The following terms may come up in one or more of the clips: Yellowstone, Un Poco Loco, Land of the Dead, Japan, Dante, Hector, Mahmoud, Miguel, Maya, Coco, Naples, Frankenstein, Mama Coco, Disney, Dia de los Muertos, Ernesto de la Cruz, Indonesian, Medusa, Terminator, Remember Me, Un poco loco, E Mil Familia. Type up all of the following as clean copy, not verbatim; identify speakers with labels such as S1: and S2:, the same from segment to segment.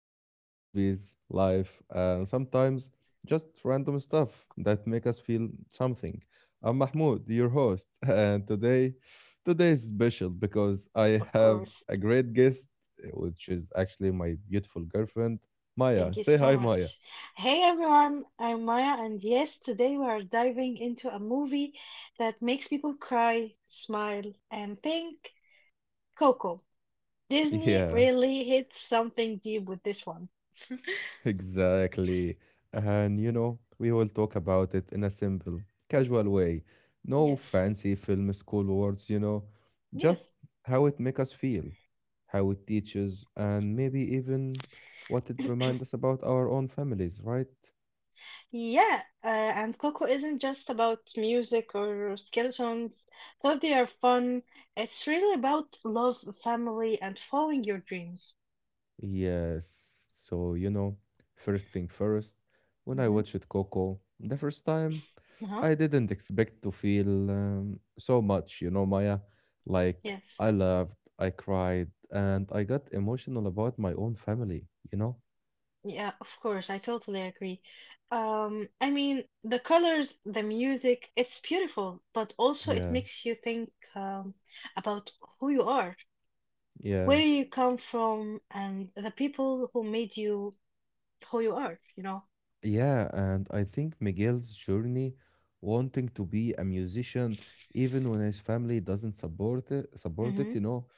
S1: talk about movies, life, and sometimes just random stuff that make us feel something. I'm Mahmoud, your host, and today is special because I
S2: Of
S1: have
S2: course.
S1: a great guest, which is actually my beautiful girlfriend, Maya.
S2: Thank you
S1: Say
S2: so
S1: hi, Maya.
S2: much. Hey everyone, I'm Maya, and yes, today we are diving into a movie that makes people cry, smile, and think Coco. Disney
S1: Yeah.
S2: really hit something deep with this one.
S1: Exactly. And we will talk about it in a simple, casual way. No
S2: Yes,
S1: fancy film school words,
S2: yes.
S1: just how it makes us feel, how it teaches, and maybe even what it reminds us about our own families, right?
S2: Yeah, and Coco isn't just about music or skeletons, though they are fun. It's really about love, family, and following your dreams.
S1: Yes. So, first thing first, when I
S2: Mm-hmm.
S1: watched Coco the first time,
S2: Uh-huh.
S1: I didn't expect to feel so much, Maya. Like,
S2: Yes.
S1: I laughed, I cried, and I got emotional about my own family, you know?
S2: Yeah, of course, I totally agree. I mean, the colors, the music, it's beautiful, but also it
S1: Yeah,
S2: makes you think about who you are,
S1: yeah.
S2: where you come from, and the people who made you who you are, you know?
S1: Yeah, and I think Miguel's journey wanting to be a musician, even when his family doesn't support it, support
S2: Mm-hmm.
S1: it, you know,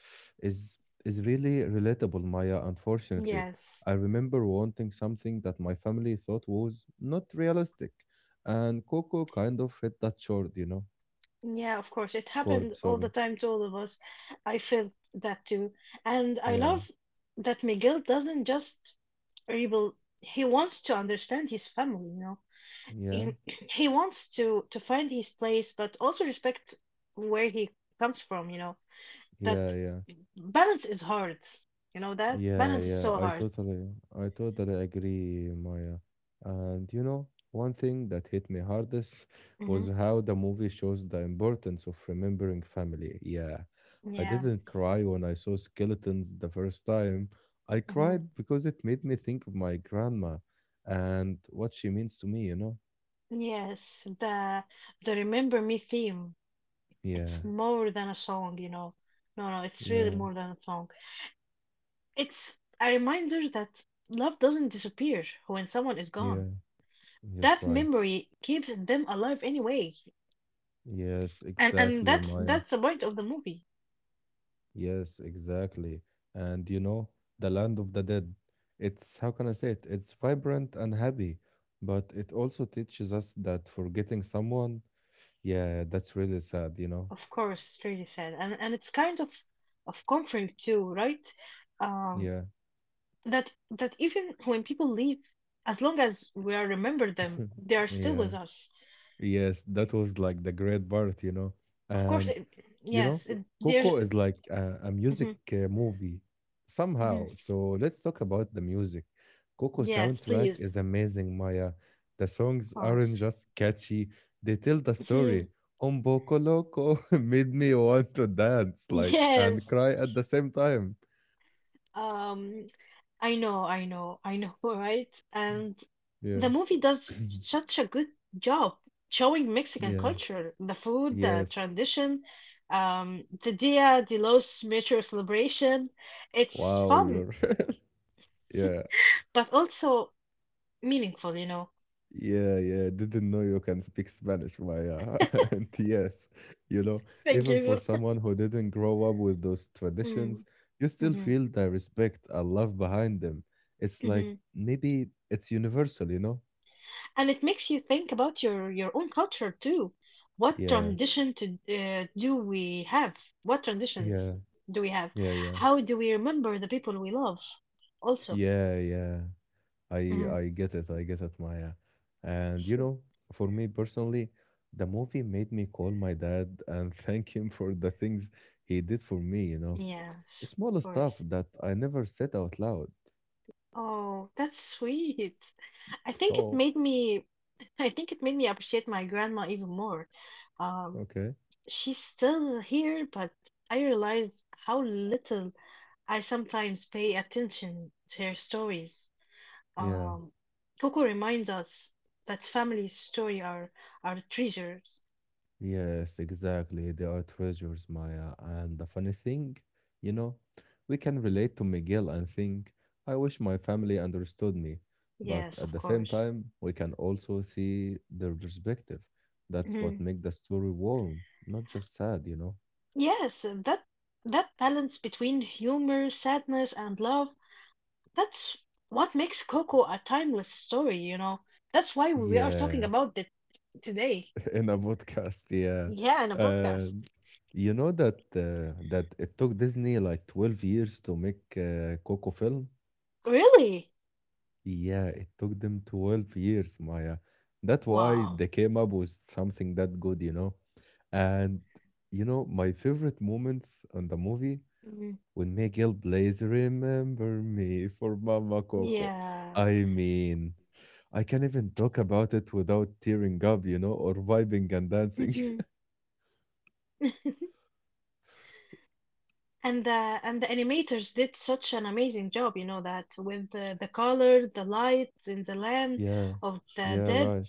S1: is is really relatable, Maya, unfortunately.
S2: Yes.
S1: I remember wanting something that my family thought was not realistic, and Coco kind of hit that chord, you know,
S2: Yeah, of course, it
S1: chord,
S2: happened all the
S1: sorry.
S2: time to all of us. I felt that too. And I
S1: Yeah,
S2: love that Miguel doesn't just rebel, he wants to understand his family, you know?
S1: yeah,
S2: And he wants to find his place, but also respect where he comes from, you know?
S1: yeah,
S2: That
S1: yeah.
S2: balance is hard, you know, that
S1: Yeah,
S2: balance is
S1: yeah,
S2: so
S1: I
S2: hard.
S1: totally, I totally agree, Maya. And one thing that hit me hardest
S2: Hmm.
S1: was how the movie shows the importance of remembering family. Yeah, I
S2: Yeah.
S1: didn't cry when I saw skeletons the first time. I
S2: Hmm.
S1: cried because it made me think of my grandma and what she means to me, you know?
S2: Yes, the Remember me theme,
S1: Yeah,
S2: it's more than a song, you know. No, no, it's really
S1: yeah,
S2: more than a song. It's a reminder that love doesn't disappear when someone is gone,
S1: yeah, yes,
S2: that
S1: right.
S2: memory keeps them alive anyway.
S1: Yes,
S2: And
S1: exactly,
S2: that's
S1: Maya.
S2: that's the point of the movie.
S1: Yes, exactly. And the land of the dead, it's how can I say it? It's vibrant and happy, but it also teaches us that forgetting someone, yeah, that's really sad, you know?
S2: Of course, it's really sad, and it's kind of comforting too, right? Um,
S1: Yeah,
S2: that that even when people leave, as long as we are remember them, they are still
S1: yeah.
S2: with us.
S1: Yes, that was like the great part, you know.
S2: Of course,
S1: And
S2: it,
S1: you know,
S2: yes, it, there's.
S1: Coco is like a music movie
S2: Hmm.
S1: somehow. So let's talk about the music. Coco
S2: Yes, please, of
S1: soundtrack is amazing, Maya. The songs aren't
S2: course.
S1: just catchy; they tell the story.
S2: Mhm.
S1: Un poco loco made me want to dance, like, and
S2: Yes.
S1: cry at the same time.
S2: Um, I know, I know, I know, right? And
S1: Yeah.
S2: the movie does such a good job showing Mexican
S1: yeah.
S2: culture, the food, the
S1: Yes.
S2: tradition, the Dia de los Muertos celebration. It's
S1: Wow,
S2: fun,
S1: you're. yeah.
S2: but also meaningful, you know.
S1: Yeah, yeah. Didn't know you can speak Spanish, Maya. And yes, you know,
S2: Thank
S1: even for
S2: you.
S1: someone who didn't grow up with those
S2: Mm.
S1: traditions, you still
S2: Hmm.
S1: feel the respect and love behind them. It's like maybe it's universal, you know?
S2: And it makes you think about your own culture too. What
S1: Yeah,
S2: tradition to do we have? What
S1: yeah,
S2: traditions do we have?
S1: yeah, yeah.
S2: How do we remember the people we love? Also.
S1: Yeah, yeah. I
S2: Mhm.
S1: I get it. I get it, Maya. And for me personally, the movie made me call my dad and thank him for the things he did for me, you know.
S2: Yeah,
S1: Small
S2: of
S1: stuff
S2: course.
S1: that I never said out loud.
S2: Oh, that's sweet. I think it
S1: Stop.
S2: made me I think it made me appreciate my grandma even more. Um,
S1: Okay.
S2: she's still here, but I realized how little I sometimes pay attention to her stories.
S1: Yeah,
S2: Um, Coco reminds us that family story are treasures.
S1: yes, exactly. They are treasures, Maya. And the funny thing, you know, we can relate to Miguel and think, I wish my family understood me. But
S2: Yes,
S1: at
S2: of
S1: the same
S2: course.
S1: time, we can also see their perspective. That's what
S2: Mhm.
S1: makes the story warm, not just sad, you know?
S2: Yes, and that balance between humor, sadness, and love, that's what makes Coco a timeless story, you know. That's why we are talking
S1: Yeah,
S2: about it today.
S1: in a podcast, yeah.
S2: Yeah, in a
S1: Uh,
S2: podcast.
S1: You know that that it took Disney like 12 years to make Coco film?
S2: Really?
S1: Yeah, it took them 12 years, Maya. That's why
S2: Wow.
S1: they came up with something that good, you know? And my favorite moments on the movie
S2: Mhm.
S1: when Miguel plays Remember Me for Mama Coco.
S2: Yeah.
S1: I mean, I can't even talk about it without tearing up, you know, or vibing and dancing.
S2: Mhm. And the animators did such an amazing job, you know, that with the color, the lights in the land
S1: Yeah.
S2: of the
S1: Yeah,
S2: dead.
S1: right.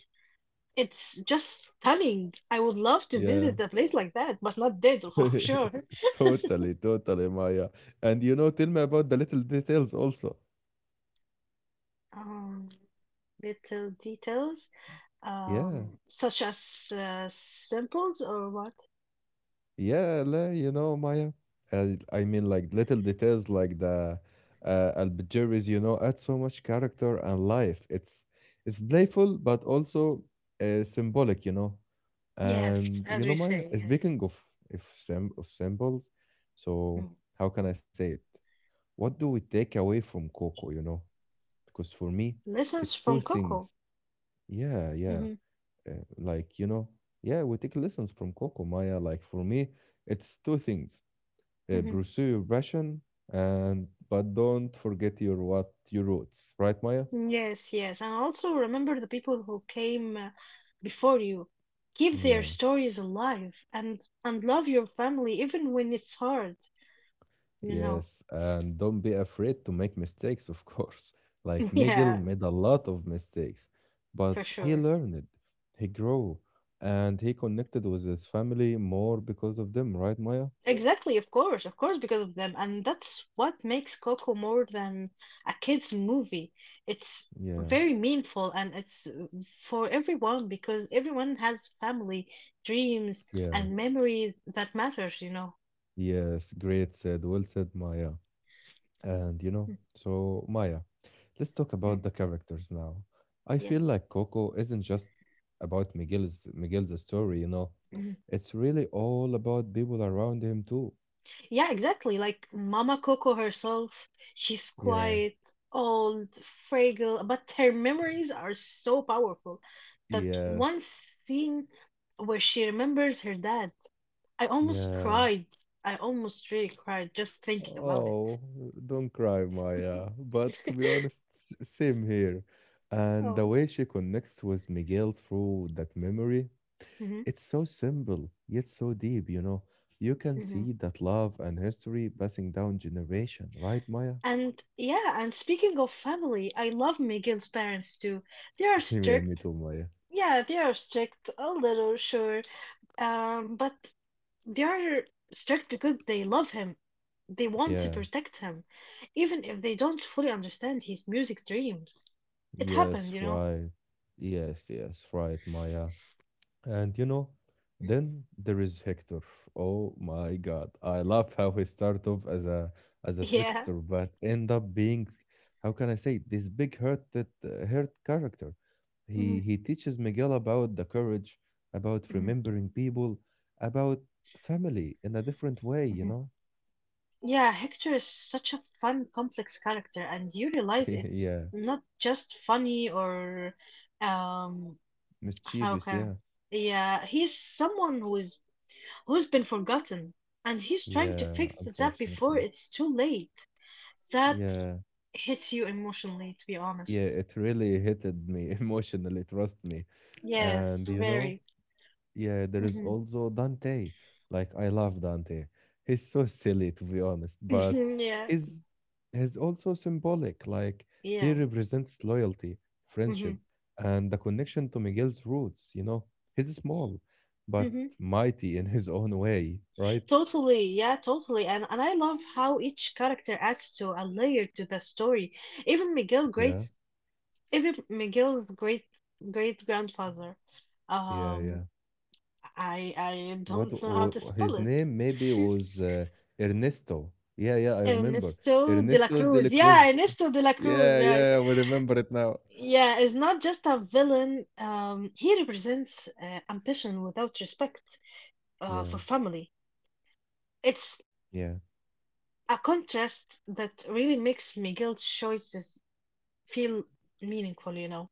S2: It's just stunning. I would love to
S1: Yeah.
S2: visit a place like that, but not dead for sure.
S1: Totally, totally, Maya. And tell me about the little details also.
S2: Um, little details,
S1: Yeah,
S2: such as samples or what?
S1: yeah, la, you know, Maya. And I mean, like little details like the Albigeries, you know, add so much character and life. It's playful, but also symbolic, you know.
S2: Yes,
S1: And
S2: as we
S1: Maya,
S2: say, yes.
S1: speaking of if sim of symbols, so
S2: Mm.
S1: how can I say it? What do we take away from Coco, you know? Because for me,
S2: Lessons
S1: it's
S2: from
S1: two
S2: Coco.
S1: things Yeah, yeah.
S2: Hmm.
S1: Like, you know, yeah, we take lessons from Coco Maya. Like, for me, it's two things.
S2: Hmm.
S1: Pursue your passion and but don't forget your what your roots, right, Maya?
S2: Yes, yes. And also remember the people who came before you. Keep their
S1: Yeah.
S2: stories alive and love your family even when it's hard, you know.
S1: Yes, and don't be afraid to make mistakes, of course. Like Miguel
S2: Yeah,
S1: made a lot of mistakes, but
S2: for
S1: he
S2: sure.
S1: learned, he grew, and he connected with his family more because of them, right, Maya?
S2: Okay. Exactly, of course, because of them. And that's what makes Coco more than a kid's movie. It's
S1: Yeah.
S2: very meaningful and it's for everyone because everyone has family, dreams,
S1: Yeah.
S2: and memories that matters, you know.
S1: Yes, great said. Well said, Maya. And you know,
S2: Mm,
S1: so Maya, let's talk
S2: mm.
S1: about the characters now. I feel
S2: Yes.
S1: like Coco isn't just about Miguel's story, you know. It's really all about people around him too.
S2: Yeah, exactly. Like Mama Coco herself, she's
S1: Yeah.
S2: quiet, old, fragile, but her memories are so powerful that
S1: Yes.
S2: one scene where she remembers her dad, I almost
S1: Yeah.
S2: cried. I almost really cried just thinking about it.
S1: Oh, don't cry, Maya. But to be honest, same here. And the
S2: Oh.
S1: way she connects with Miguel through that memory
S2: Hmm.
S1: It's so simple, yet so deep, you know. You can
S2: Hmm.
S1: see that love and history passing down generation, right, Maya?
S2: And, yeah, and speaking of family, I love Miguel's parents too. They are
S1: yeah, me
S2: strict.
S1: too, Maya.
S2: Yeah, they are strict, a little, sure. But they are strict because they love him. They want to
S1: Yeah.
S2: protect him, even if they don't fully understand his music dreams. It
S1: Yes,
S2: happened, you know.
S1: right. Yes, yes, right, Maya. And then there is Hector. Oh my God. I love how he started off as a
S2: Yeah.
S1: trickster, but end up being, how can I say, this big hurted hurt character. He
S2: Mhm,
S1: he teaches Miguel about the courage, about
S2: mhm,
S1: remembering people, about family in a different way, you
S2: mhm.
S1: know?
S2: Yeah, Hector is such a fun, complex character, and you realize it's
S1: Yeah.
S2: not just funny or um how
S1: Mischievous,
S2: can
S1: yeah.
S2: yeah, he's someone who's been forgotten, and he's trying to
S1: Yeah,
S2: fix that before
S1: unfortunately.
S2: it's too late. That
S1: Yeah.
S2: hits you emotionally, to be
S1: Yeah,
S2: honest.
S1: it really hitted me emotionally, trust me.
S2: Yes,
S1: And you know,
S2: very.
S1: Yeah, there is
S2: Hmm.
S1: also Dante. Like I love Dante. He's so silly to be honest, but
S2: Yeah,
S1: he's he's also symbolic. Like he
S2: yeah.
S1: represents loyalty,
S2: Hmm.
S1: friendship, and the connection to Miguel's roots, you know. He's small, but
S2: Hmm.
S1: mighty in his own way, right?
S2: Totally, yeah, totally. And I love how each character adds to a layer to the story. Even Miguel
S1: Yeah,
S2: great's Even Miguel's great great grandfather.
S1: yeah,
S2: Um,
S1: yeah.
S2: I
S1: What
S2: don't know how to spell
S1: his
S2: it.
S1: name maybe was Ernesto. Yeah, yeah, I remember.
S2: Ernesto de la
S1: Ernesto de
S2: Cruz.
S1: la
S2: Yeah,
S1: Cruz.
S2: Ernesto de la Cruz,
S1: Yeah,
S2: right.
S1: yeah, we remember it now.
S2: Yeah, is not just a villain. He represents ambition without respect for
S1: Yeah,
S2: family. It's
S1: yeah.
S2: a contrast that really makes Miguel's choices feel meaningful, you know.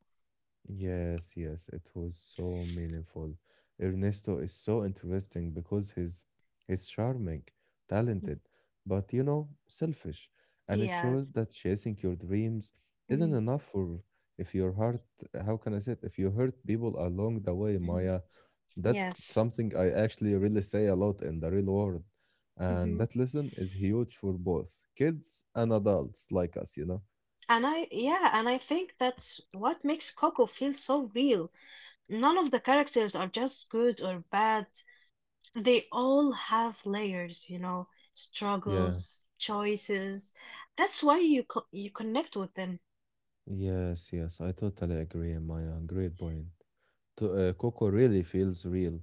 S1: Yes, yes, it was so meaningful. Ernesto is so interesting because he's charming, talented, but you know, selfish. And it
S2: Yeah.
S1: shows that chasing your dreams isn't
S2: Mm,
S1: enough for if your heart, how can I say it? If you hurt people along the way,
S2: mhm.
S1: Maya, that's
S2: Yes.
S1: something I actually really say a lot in the real world. And
S2: Hmm.
S1: that lesson is huge for both kids and adults like us, you know?
S2: And I, yeah, and I think that's what makes Coco feel so real. None of the characters are just good or bad. They all have layers, you know,
S1: Yeah.
S2: struggles, choices. That's why you connect with them.
S1: Yes, yes, I totally agree, Maya. Great point. To, Coco really feels real,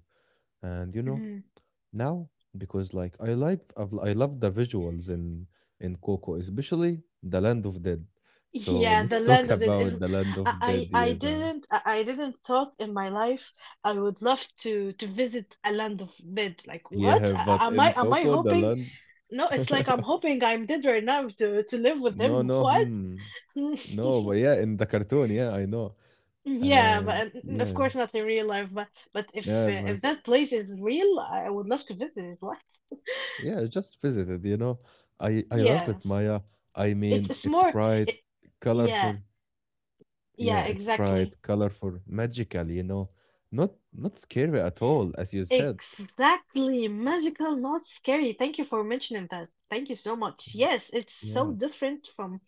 S1: and you know
S2: Mhm.
S1: now because like I love the visuals in Coco, especially the Land of Dead. So
S2: Yeah, the
S1: let's
S2: land
S1: talk
S2: of
S1: about
S2: Dadaism.
S1: the Land of Dead,
S2: I
S1: yeah, now.
S2: didn't I didn't thought in my life I would love to visit a land of dead. Like what?
S1: Yeah,
S2: a-
S1: but
S2: Am
S1: in
S2: I am I
S1: Coco, the
S2: hoping?
S1: land.
S2: No, it's like I'm hoping I'm dead right now to live with
S1: No,
S2: them.
S1: no,
S2: What?
S1: hmm. No, but yeah, in the cartoon, yeah, I know.
S2: Yeah,
S1: And
S2: but of
S1: yeah,
S2: course not in real life. But if
S1: yeah,
S2: uh,
S1: but
S2: if that place is real, I would love to visit it.
S1: Yeah, I just visited, you know. I love it,
S2: Yes.
S1: Maya. I
S2: It's
S1: mean,
S2: it's
S1: it's
S2: more
S1: bright,
S2: it,
S1: colorful.
S2: yeah,
S1: Yeah,
S2: yeah,
S1: it's
S2: exactly.
S1: bright, colorful, magical, you know. Not scary at all, as you said.
S2: Exactly. Magical, not scary. Thank you for mentioning that. Thank you so much. Yes, it's so
S1: Yeah,
S2: different from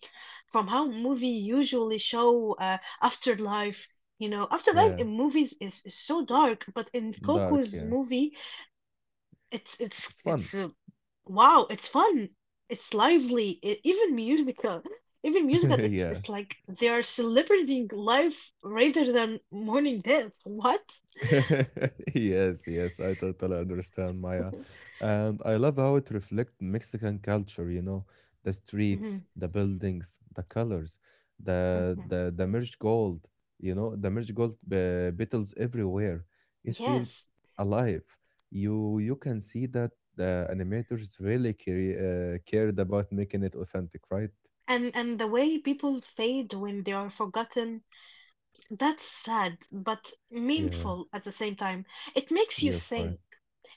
S2: from how movie usually show afterlife. You know, afterlife
S1: yeah,
S2: in movies is so dark, but in
S1: dark,
S2: Coco's
S1: yeah.
S2: movie
S1: It's fun.
S2: it's wow, it's fun. It's lively. Even musical. Even musical, it's
S1: yeah.
S2: it's like they are celebrating life rather than mourning death. What?
S1: yes, yes, I totally understand, Maya. And I love how it reflects Mexican culture, you know, the streets,
S2: Mhm,
S1: the buildings, the colors, the
S2: mhm.
S1: the the merged gold, you know, the merged gold beetles everywhere. It feels
S2: Yes.
S1: alive. You can see that the animators really care, cared about making it authentic, right?
S2: And the way people fade when they are forgotten, that's sad but
S1: Yeah.
S2: meaningful at the same time. It makes you
S1: Yes, right.
S2: think.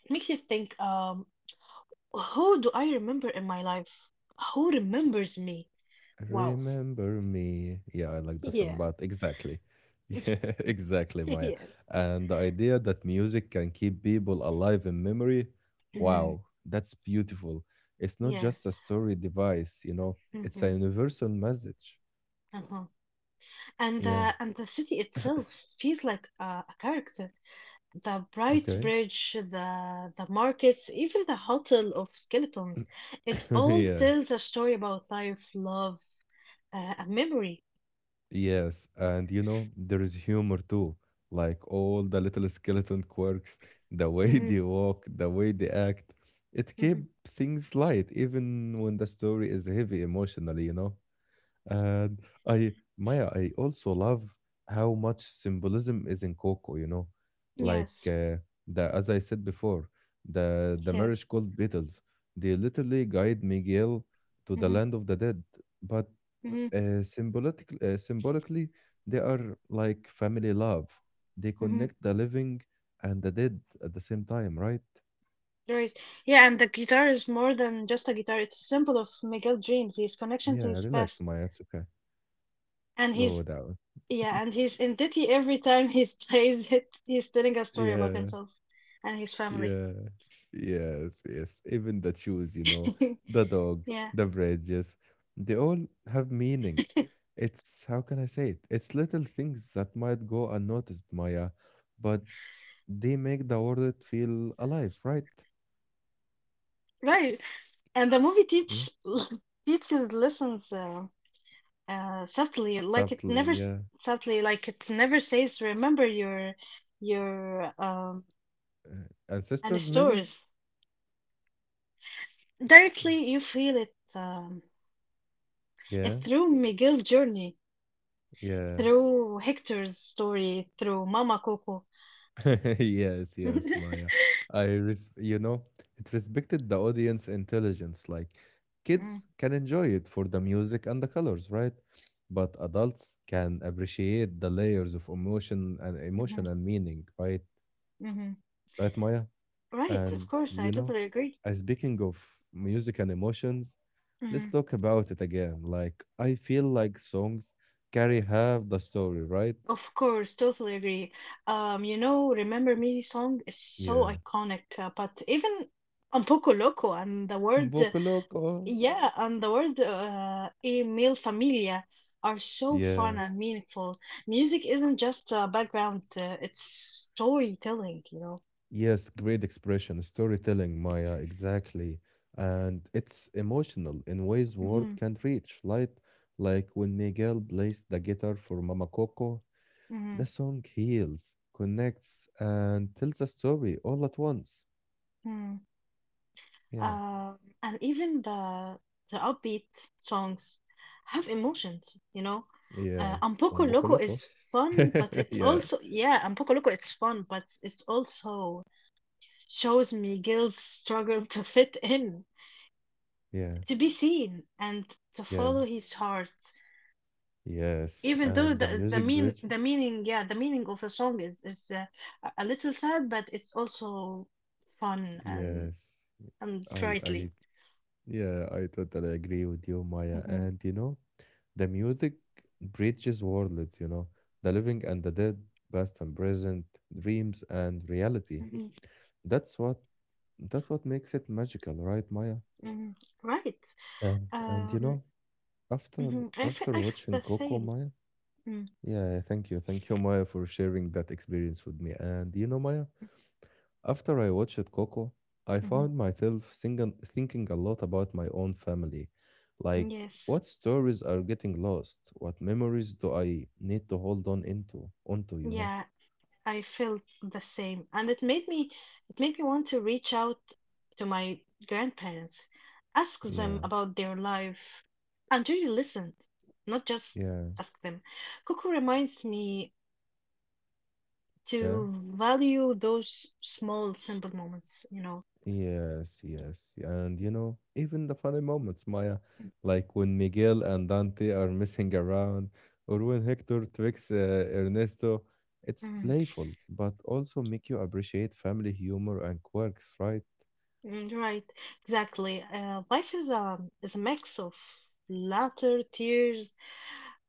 S2: It makes you think, who do I remember in my life? Who remembers me? Wow.
S1: Remember me. Yeah, I like the song,
S2: Yeah.
S1: but exactly. Yeah, exactly, Maya.
S2: Yeah.
S1: And the idea that music can keep people alive in memory,
S2: Mhm.
S1: wow, that's beautiful. It's not just a
S2: Yes.
S1: story device, you know, it's a
S2: Mhm.
S1: universal message.
S2: Uh-huh. And
S1: Yeah.
S2: uh, and the city itself feels like a character. The bright
S1: Okay.
S2: bridge, the markets, even the hotel of skeletons. It all
S1: yeah.
S2: tells a story about life, love, and memory.
S1: Yes, and there is humor too. Like all the little skeleton quirks, the way
S2: Hmm.
S1: they walk, the way they act. It keep
S2: Hmm.
S1: things light, even when the story is heavy emotionally, you know? And I, Maya, I also love how much symbolism is in Coco, you know? Like
S2: Yes.
S1: the, as I said before, the
S2: Yeah.
S1: marriage called Beatles, they literally guide Miguel to the
S2: Hmm.
S1: land of the dead. But
S2: Hmm.
S1: symbolically, they are like family love. They
S2: Hmm.
S1: connect the living and the dead at the same time, right?
S2: Right. Yeah, and the guitar is more than just a guitar. It's a symbol of Miguel's dreams, his connection to
S1: Yeah,
S2: his
S1: relax,
S2: past,
S1: Maya. It's okay.
S2: and
S1: Slow
S2: his,
S1: down.
S2: yeah, and he's in Ditty every time he plays it, he's telling a story about
S1: Yeah,
S2: himself and his family.
S1: yeah, yes, yes. Even the shoes, you know, the dog,
S2: Yeah,
S1: the bridges, they all have meaning. It's how can I say it? It's little things that might go unnoticed, Maya, but they make the world feel alive, right?
S2: right. And the movie
S1: Yeah,
S2: teach teaches lessons subtly, like it never
S1: subtly. Yeah.
S2: subtly, like it never says, "Remember your and
S1: Ancestors maybe
S2: stores." Directly, you feel it. It
S1: yeah
S2: through Miguel's journey,
S1: yeah
S2: through Hector's story, through Mama Coco.
S1: yes yes Maya I you know it respected the audience intelligence like kids can enjoy it for the music and the colors right but adults can appreciate the layers of
S2: Mm-hmm,
S1: emotion and meaning right
S2: mm-hmm.
S1: right Maya
S2: Right, of
S1: and
S2: course, I totally agree.
S1: as speaking of music and emotions let's
S2: Mhm.
S1: talk about it again like I feel like songs carry half the story right
S2: Of course, totally agree. You know, Remember Me song is so
S1: Yeah.
S2: iconic, but even Un Poco Loco and the word,
S1: Un loco.
S2: yeah, and the word E Mil Familia are so
S1: Yeah.
S2: fun and meaningful. Music isn't just background, it's storytelling, you know.
S1: Yes, great expression, storytelling, Maya, exactly. And it's emotional in ways word
S2: Mm.
S1: can't reach, right? Like when Miguel plays the guitar for Mama Coco,
S2: Mm-hmm,
S1: the song heals, connects, and tells a story all at once.
S2: mm-hmm.
S1: Yeah.
S2: Um, and even the upbeat songs have emotions, you know.
S1: Yeah.
S2: And
S1: Un
S2: Poco
S1: poco
S2: Loco
S1: loco.
S2: is fun, but it's
S1: Yeah.
S2: also, yeah, and Poco Loco it's fun, but it's also shows Miguel's struggle to fit in,
S1: Yeah.
S2: to be seen, and to
S1: Yeah.
S2: follow his heart.
S1: Yes.
S2: Even though
S1: And the
S2: the
S1: music
S2: mean
S1: bridge.
S2: the meaning, yeah, the meaning of the song is a little sad, but it's also fun and
S1: Yes.
S2: and
S1: I
S2: brightly.
S1: yeah, I totally agree with you, Maya.
S2: Mhm,
S1: And you know, the music bridges worlds, you know, the living and the dead, past and present, dreams and reality.
S2: mhm,
S1: That's what that's what makes it magical, right, Maya?
S2: mhm. Right.
S1: And you
S2: Um,
S1: know, after
S2: mhm, I feel
S1: after
S2: I felt
S1: watching
S2: the
S1: Coco,
S2: same.
S1: Maya,
S2: Mm,
S1: yeah, thank you, Maya, for sharing that experience with me. And you know, Maya, after I watched Coco, I
S2: mhm.
S1: found myself singing, thinking a lot about my own family. Like,
S2: Yes.
S1: what stories are getting lost? What memories do I need to hold on into? Onto, you know?
S2: Yeah, I felt the same. And it made me want to reach out to my grandparents, ask them
S1: Yeah,
S2: about their life, and really listen, not just
S1: yeah,
S2: ask them. Coco reminds me
S1: yeah.
S2: to value those small, simple moments, you know.
S1: Yes, yes. And, you know, even the funny moments, Maya, like when Miguel and Dante are messing around, or when Hector tricks Ernesto. It's
S2: Mm,
S1: playful, but also make you appreciate family humor and quirks, right?
S2: mm, right, exactly. Life is a mix of laughter, tears,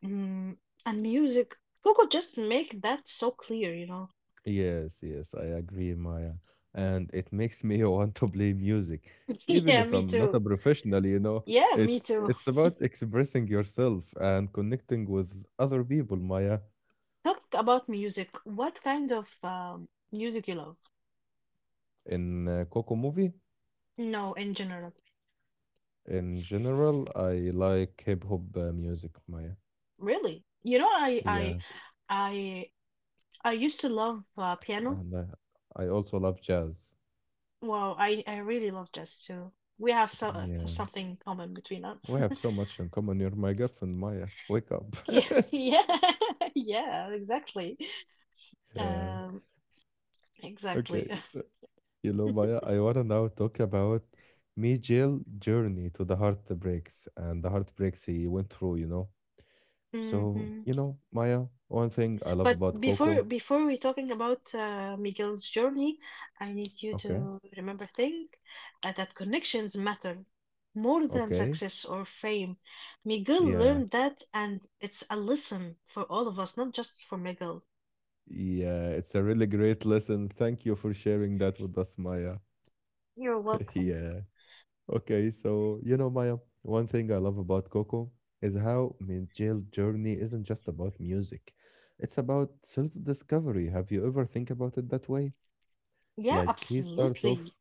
S2: mm, and music, Coco just make that so clear, you know.
S1: Yes, yes, I agree, Maya. And it makes me want to play music, even
S2: Yeah,
S1: if
S2: me
S1: I'm not
S2: too.
S1: a professional, you know.
S2: Yeah, me
S1: It's
S2: too.
S1: it's about expressing yourself and connecting with other people, Maya.
S2: Talking about music, what kind of music you love?
S1: In Coco movie,
S2: No, in general,
S1: in general, I like hip hop music, Maya.
S2: really. You know,
S1: Yeah,
S2: I I used to love piano.
S1: and I also love jazz.
S2: Wow, I really love jazz too. We have so
S1: Yeah,
S2: something common between us.
S1: we have so much in common. You're my girlfriend, Maya. Wake up.
S2: Yeah. Yeah. Yeah, exactly.
S1: Yeah.
S2: Um, exactly.
S1: Okay. You know, Maya, I want to now talk about Mijail's journey to the heartbreaks and the heartbreaks he went through, you know. So,
S2: Hmm.
S1: you know, Maya, one thing I love
S2: But
S1: about
S2: before
S1: Coco.
S2: before we talking about Miguel's journey, I need you
S1: Okay.
S2: to remember thing that connections matter more than
S1: Okay.
S2: success or fame. Miguel
S1: Yeah.
S2: learned that, and it's a lesson for all of us, not just for Miguel.
S1: Yeah. It's a really great lesson. Thank you for sharing that with us, Maya.
S2: You're welcome.
S1: yeah. Okay. So, you know, Maya, one thing I love about Coco is how Mijail's journey isn't just about music. It's about self-discovery. Have you ever think about it that way?
S2: Yeah,
S1: Like he start
S2: absolutely.
S1: off,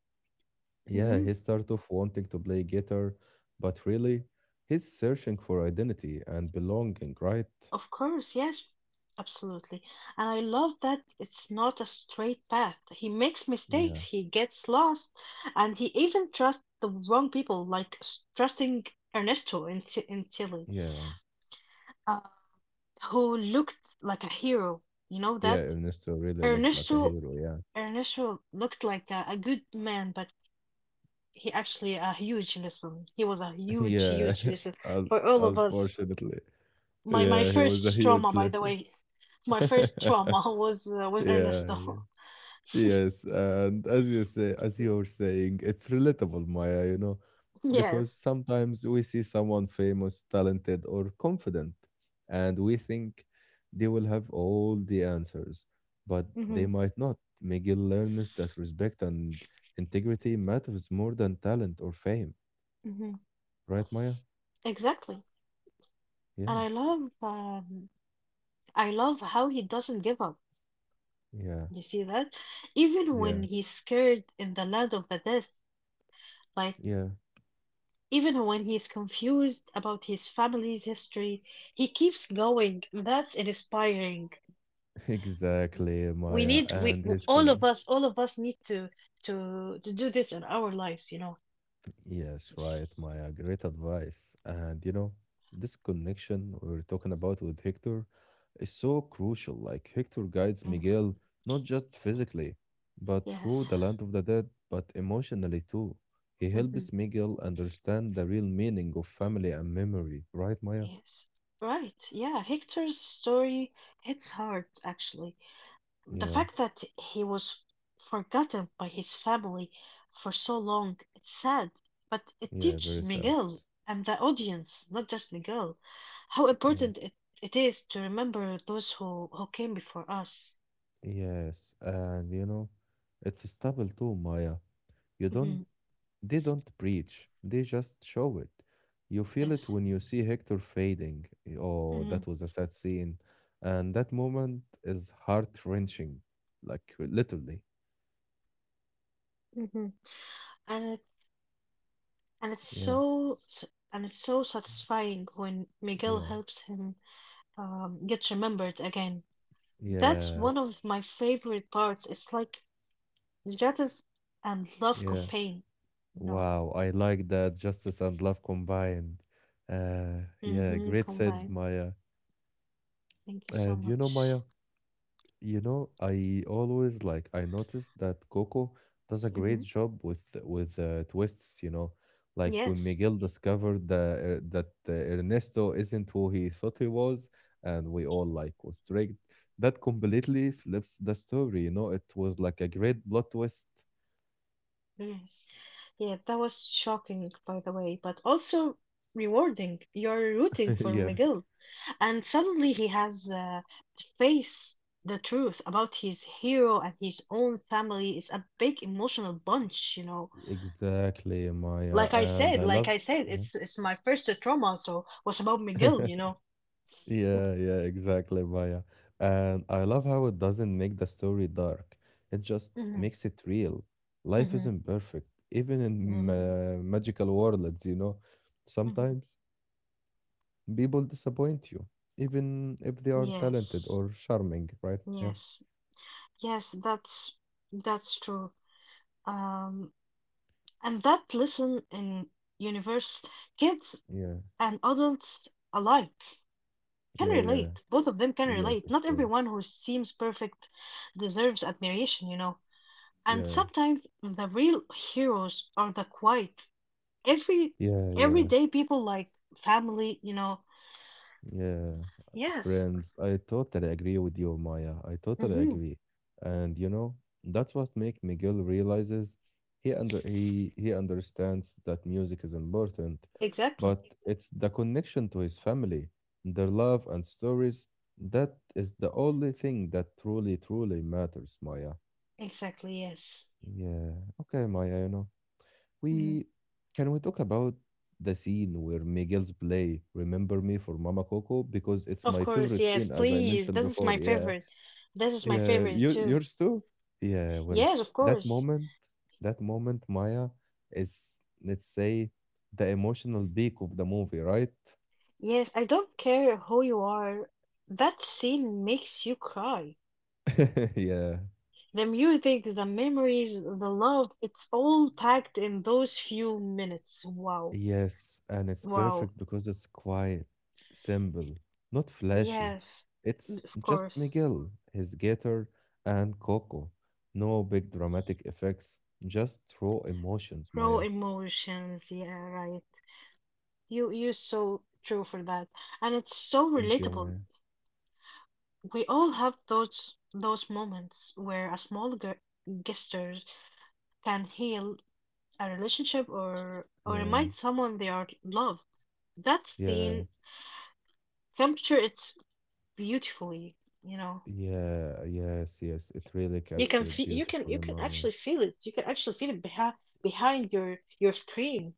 S1: yeah,
S2: Mm-hmm.
S1: he start off wanting to play guitar, but really, he's searching for identity and belonging, right?
S2: Of course, yes, absolutely. And I love that it's not a straight path. He makes
S1: Yeah,
S2: mistakes, he gets lost, and he even trusts the wrong people, like trusting Ernesto T in Tilly,
S1: yeah,
S2: uh, who looked like a hero. You know
S1: yeah.
S2: that?
S1: Ernesto really looked like a
S2: Ernesto,
S1: hero. Yeah,
S2: Ernesto looked like a good man, but he actually a huge lesson. He was a huge,
S1: yeah.
S2: huge lesson
S1: Un
S2: for all of us.
S1: unfortunately,
S2: My
S1: yeah, he was a
S2: first trauma,
S1: huge
S2: by the
S1: lesson.
S2: way. My first
S1: yeah,
S2: trauma was
S1: yeah.
S2: Ernesto.
S1: Yes, and as you say, as you were saying, it's relatable, Maya, you know, because
S2: Yes.
S1: sometimes we see someone famous, talented, or confident, and we think they will have all the answers, but they
S2: Hmm.
S1: might not. Miguel learns that respect and integrity matters more than talent or fame,
S2: Hmm.
S1: right, Maya?
S2: Exactly. And
S1: Yeah,
S2: I love how he doesn't give up.
S1: yeah,
S2: You see that? Even
S1: yeah,
S2: when he's scared in the land of the dead, like
S1: yeah,
S2: even when he's confused about his family's history, he keeps going. That's inspiring.
S1: exactly,
S2: We
S1: Maya,
S2: need we
S1: and
S2: w-
S1: his
S2: all of
S1: con.
S2: us all of us need to to do this in our lives, you know.
S1: Yes, right, Maya. Great advice. And you know, this connection we were talking about with Hector is so crucial. Like Hector guides
S2: Mm.
S1: Miguel not just physically, but through
S2: Yes.
S1: the land of the dead, but emotionally too. He
S2: Mm-hmm.
S1: helps Miguel understand the real meaning of family and memory, right, Maya?
S2: Yes. Right. Yeah. Hector's story hits hard, actually. The
S1: Yeah,
S2: fact that he was forgotten by his family for so long, it's sad, but it
S1: yeah,
S2: teaches
S1: very sad.
S2: Miguel and the audience, not just Miguel, how
S1: Yeah,
S2: important it is to remember who came before us.
S1: yes, and you know, it's stable too, Maya. You don't
S2: Hmm.
S1: they don't preach, they just show it. You feel
S2: Yes.
S1: it when you see Hector fading. Oh,
S2: Hmm.
S1: that was a sad scene. And that moment is heart wrenching, like literally.
S2: Hmm. And it and it's
S1: Yeah,
S2: so and it's so satisfying when Miguel
S1: yeah,
S2: helps him get remembered again. That's
S1: yeah,
S2: one of my favorite parts. It's like jealousy and love
S1: yeah.
S2: combined. No,
S1: Wow, I like that justice and love combined. Yeah,
S2: mm-hmm,
S1: great said
S2: combined.
S1: Maya.
S2: Thank you so
S1: And you know,
S2: much.
S1: Maya, you know, I always like I noticed that Coco does a great
S2: Mm-hmm.
S1: job with with twists, you know. Like when
S2: Yes,
S1: Miguel discovered the, that Ernesto isn't who he thought he was, and we all like was tricked, that completely flips the story, you know. It was like a great plot twist.
S2: yes. Yeah, that was shocking, by the way, but also rewarding. You're rooting for
S1: Yeah,
S2: McGill, and suddenly he has to face the truth about his hero and his own family. It's a big emotional bunch, you know.
S1: exactly, Maya.
S2: Like I
S1: And
S2: said,
S1: I
S2: like
S1: love
S2: I said,
S1: yeah.
S2: it's my first trauma, so what's about Miguel, you know?
S1: Yeah, yeah, exactly, Maya. And I love how it doesn't make the story dark. It just
S2: Mm-hmm,
S1: makes it real. Life
S2: mm-hmm, mhm.
S1: isn't perfect, even in
S2: Mm-hmm,
S1: ma
S2: mhm.
S1: magical worlds, you know.
S2: Mm-hmm.
S1: Sometimes people disappoint you, even if they are talented or
S2: Yes,
S1: charming, right? Yeah,
S2: yes, yes, that's true. Um, and that lesson in universe, kids
S1: yeah,
S2: and adults alike can
S1: yeah, yeah.
S2: relate. Both of them can
S1: Yes,
S2: relate.
S1: of
S2: Not everyone
S1: course.
S2: who seems perfect deserves admiration, you know. And
S1: Yeah,
S2: sometimes the real heroes are the quiet, every
S1: yeah, yeah.
S2: day people like family, you know.
S1: Yeah,
S2: Yes.
S1: friends, I totally agree with you, Maya. I totally
S2: Hmm.
S1: agree. And you know, that's what makes Miguel realizes he understands that music is important,
S2: Exactly.
S1: but it's the connection to his family, their love and stories, that is the only thing that truly, truly matters, Maya.
S2: Exactly, yes.
S1: Yeah. Okay, Maya, you know.
S2: Hmm.
S1: We can we talk about the scene where Miguel's play "Remember Me" for Mama Coco because it's
S2: Of
S1: my
S2: course,
S1: favorite
S2: yes,
S1: scene, as I
S2: please.
S1: mentioned
S2: This is my
S1: before. Yeah,
S2: favorite. This is my
S1: yeah,
S2: favorite
S1: you
S2: too.
S1: yours too. Yeah, well,
S2: Yes, of
S1: that
S2: course.
S1: moment, that moment, Maya is let's say the emotional peak of the movie, right?
S2: Yes, I don't care who you are. That scene makes you cry.
S1: yeah.
S2: The music, the memories, the love, it's all packed in those few minutes. Wow.
S1: Yes, and it's
S2: Wow.
S1: perfect because it's quiet, simple, not flashy.
S2: Yes,
S1: It's
S2: of
S1: just
S2: course.
S1: Miguel, his guitar, and Coco. No big dramatic effects, just raw emotions,
S2: Raw
S1: Maya.
S2: emotions. Yeah, right. You you're so true for that. And it's so
S1: Thank you,
S2: relatable.
S1: Maya.
S2: We all have those moments where a small gesture can heal a relationship or
S1: Yeah,
S2: remind someone they are loved. That
S1: yeah,
S2: scene capture it's beautifully, you know.
S1: yeah, yes, yes. It really captured it
S2: You
S1: beautifully,
S2: can
S1: Maya.
S2: actually feel it. You can actually feel it behind behind your screen.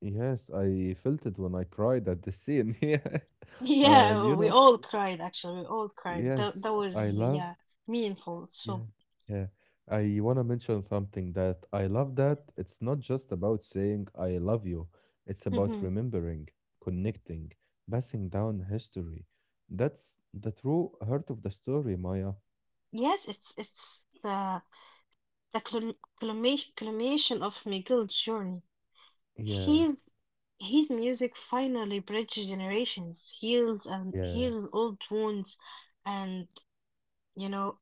S1: Yes, I felt it when I cried at the scene. Yeah. And you
S2: Yeah, we
S1: know,
S2: all mhm. Cried actually. We all cried. That
S1: yes,
S2: that was,
S1: I love
S2: yeah, meaningful. So
S1: yeah, yeah. I want to mention something that I love that it's not just about saying I love you, it's about remembering, connecting, passing down history. That's the true heart of the story, Maya.
S2: yes, it's the the clim- culmination of Miguel's journey.
S1: Yeah,
S2: His his music finally bridges generations,
S1: yeah,
S2: heals old wounds, and you know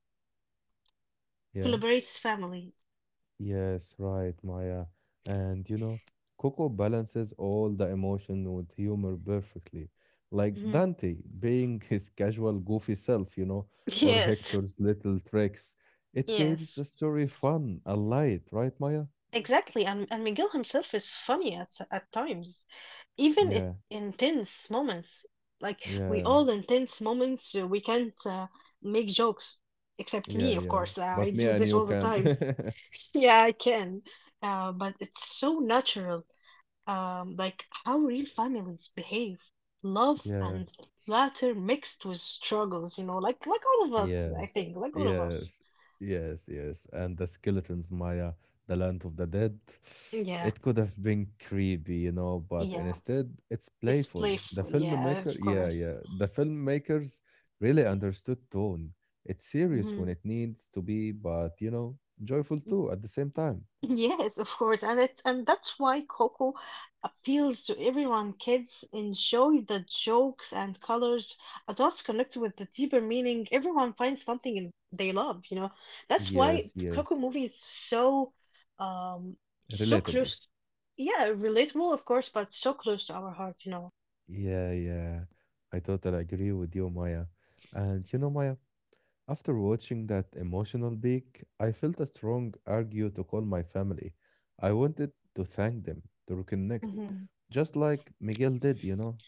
S1: yeah.
S2: collaborates family.
S1: Yes, right, Maya. And you know, Coco balances all the emotion with humor perfectly. Like
S2: Mhm.
S1: Dante being his casual, goofy self, you know, or
S2: Yes, well,
S1: Hector's little tricks. It keeps
S2: yes.
S1: the story fun and light, right, Maya?
S2: Exactly, and Miguel himself is funny at times, even it
S1: Yeah,
S2: intense moments. Like we
S1: yeah,
S2: all in tense moments, we can't make jokes, except me,
S1: yeah,
S2: of
S1: yeah.
S2: course. I
S1: But me
S2: do
S1: and
S2: this
S1: you
S2: all the
S1: can.
S2: time. Yeah, I can, but it's so natural. Like how real families behave, love
S1: Yeah,
S2: and laughter mixed with struggles. You know, like all of us,
S1: yeah.
S2: I think, like all of us.
S1: Yes, yes, yes. And the skeletons, Maya, the land of the dead.
S2: Yeah,
S1: It could have been creepy, you know, but
S2: yeah,
S1: instead it's
S2: it's
S1: playful. The
S2: playful. Yeah,
S1: filmmaker,
S2: of
S1: yeah,
S2: course.
S1: yeah. The filmmakers really understood tone. It's serious when
S2: Mm-hmm.
S1: it needs to be, but you know, joyful
S2: Y-
S1: too at the same time.
S2: yes, of course, and it and that's why Coco appeals to everyone. Kids enjoy the jokes and colors. Adults connect with the deeper meaning. Everyone finds something in, they love, you know. That's why
S1: Yes,
S2: Coco
S1: yes.
S2: movie is so um so
S1: Relatable.
S2: close. Yeah, relatable, of course, but so close to our heart, you know.
S1: Yeah, yeah. I totally agree with you, Maya. And you know, Maya, after watching that emotional peak, I felt a strong urge to call my family. I wanted to thank them, to reconnect,
S2: Hmm.
S1: just like Miguel did, you know?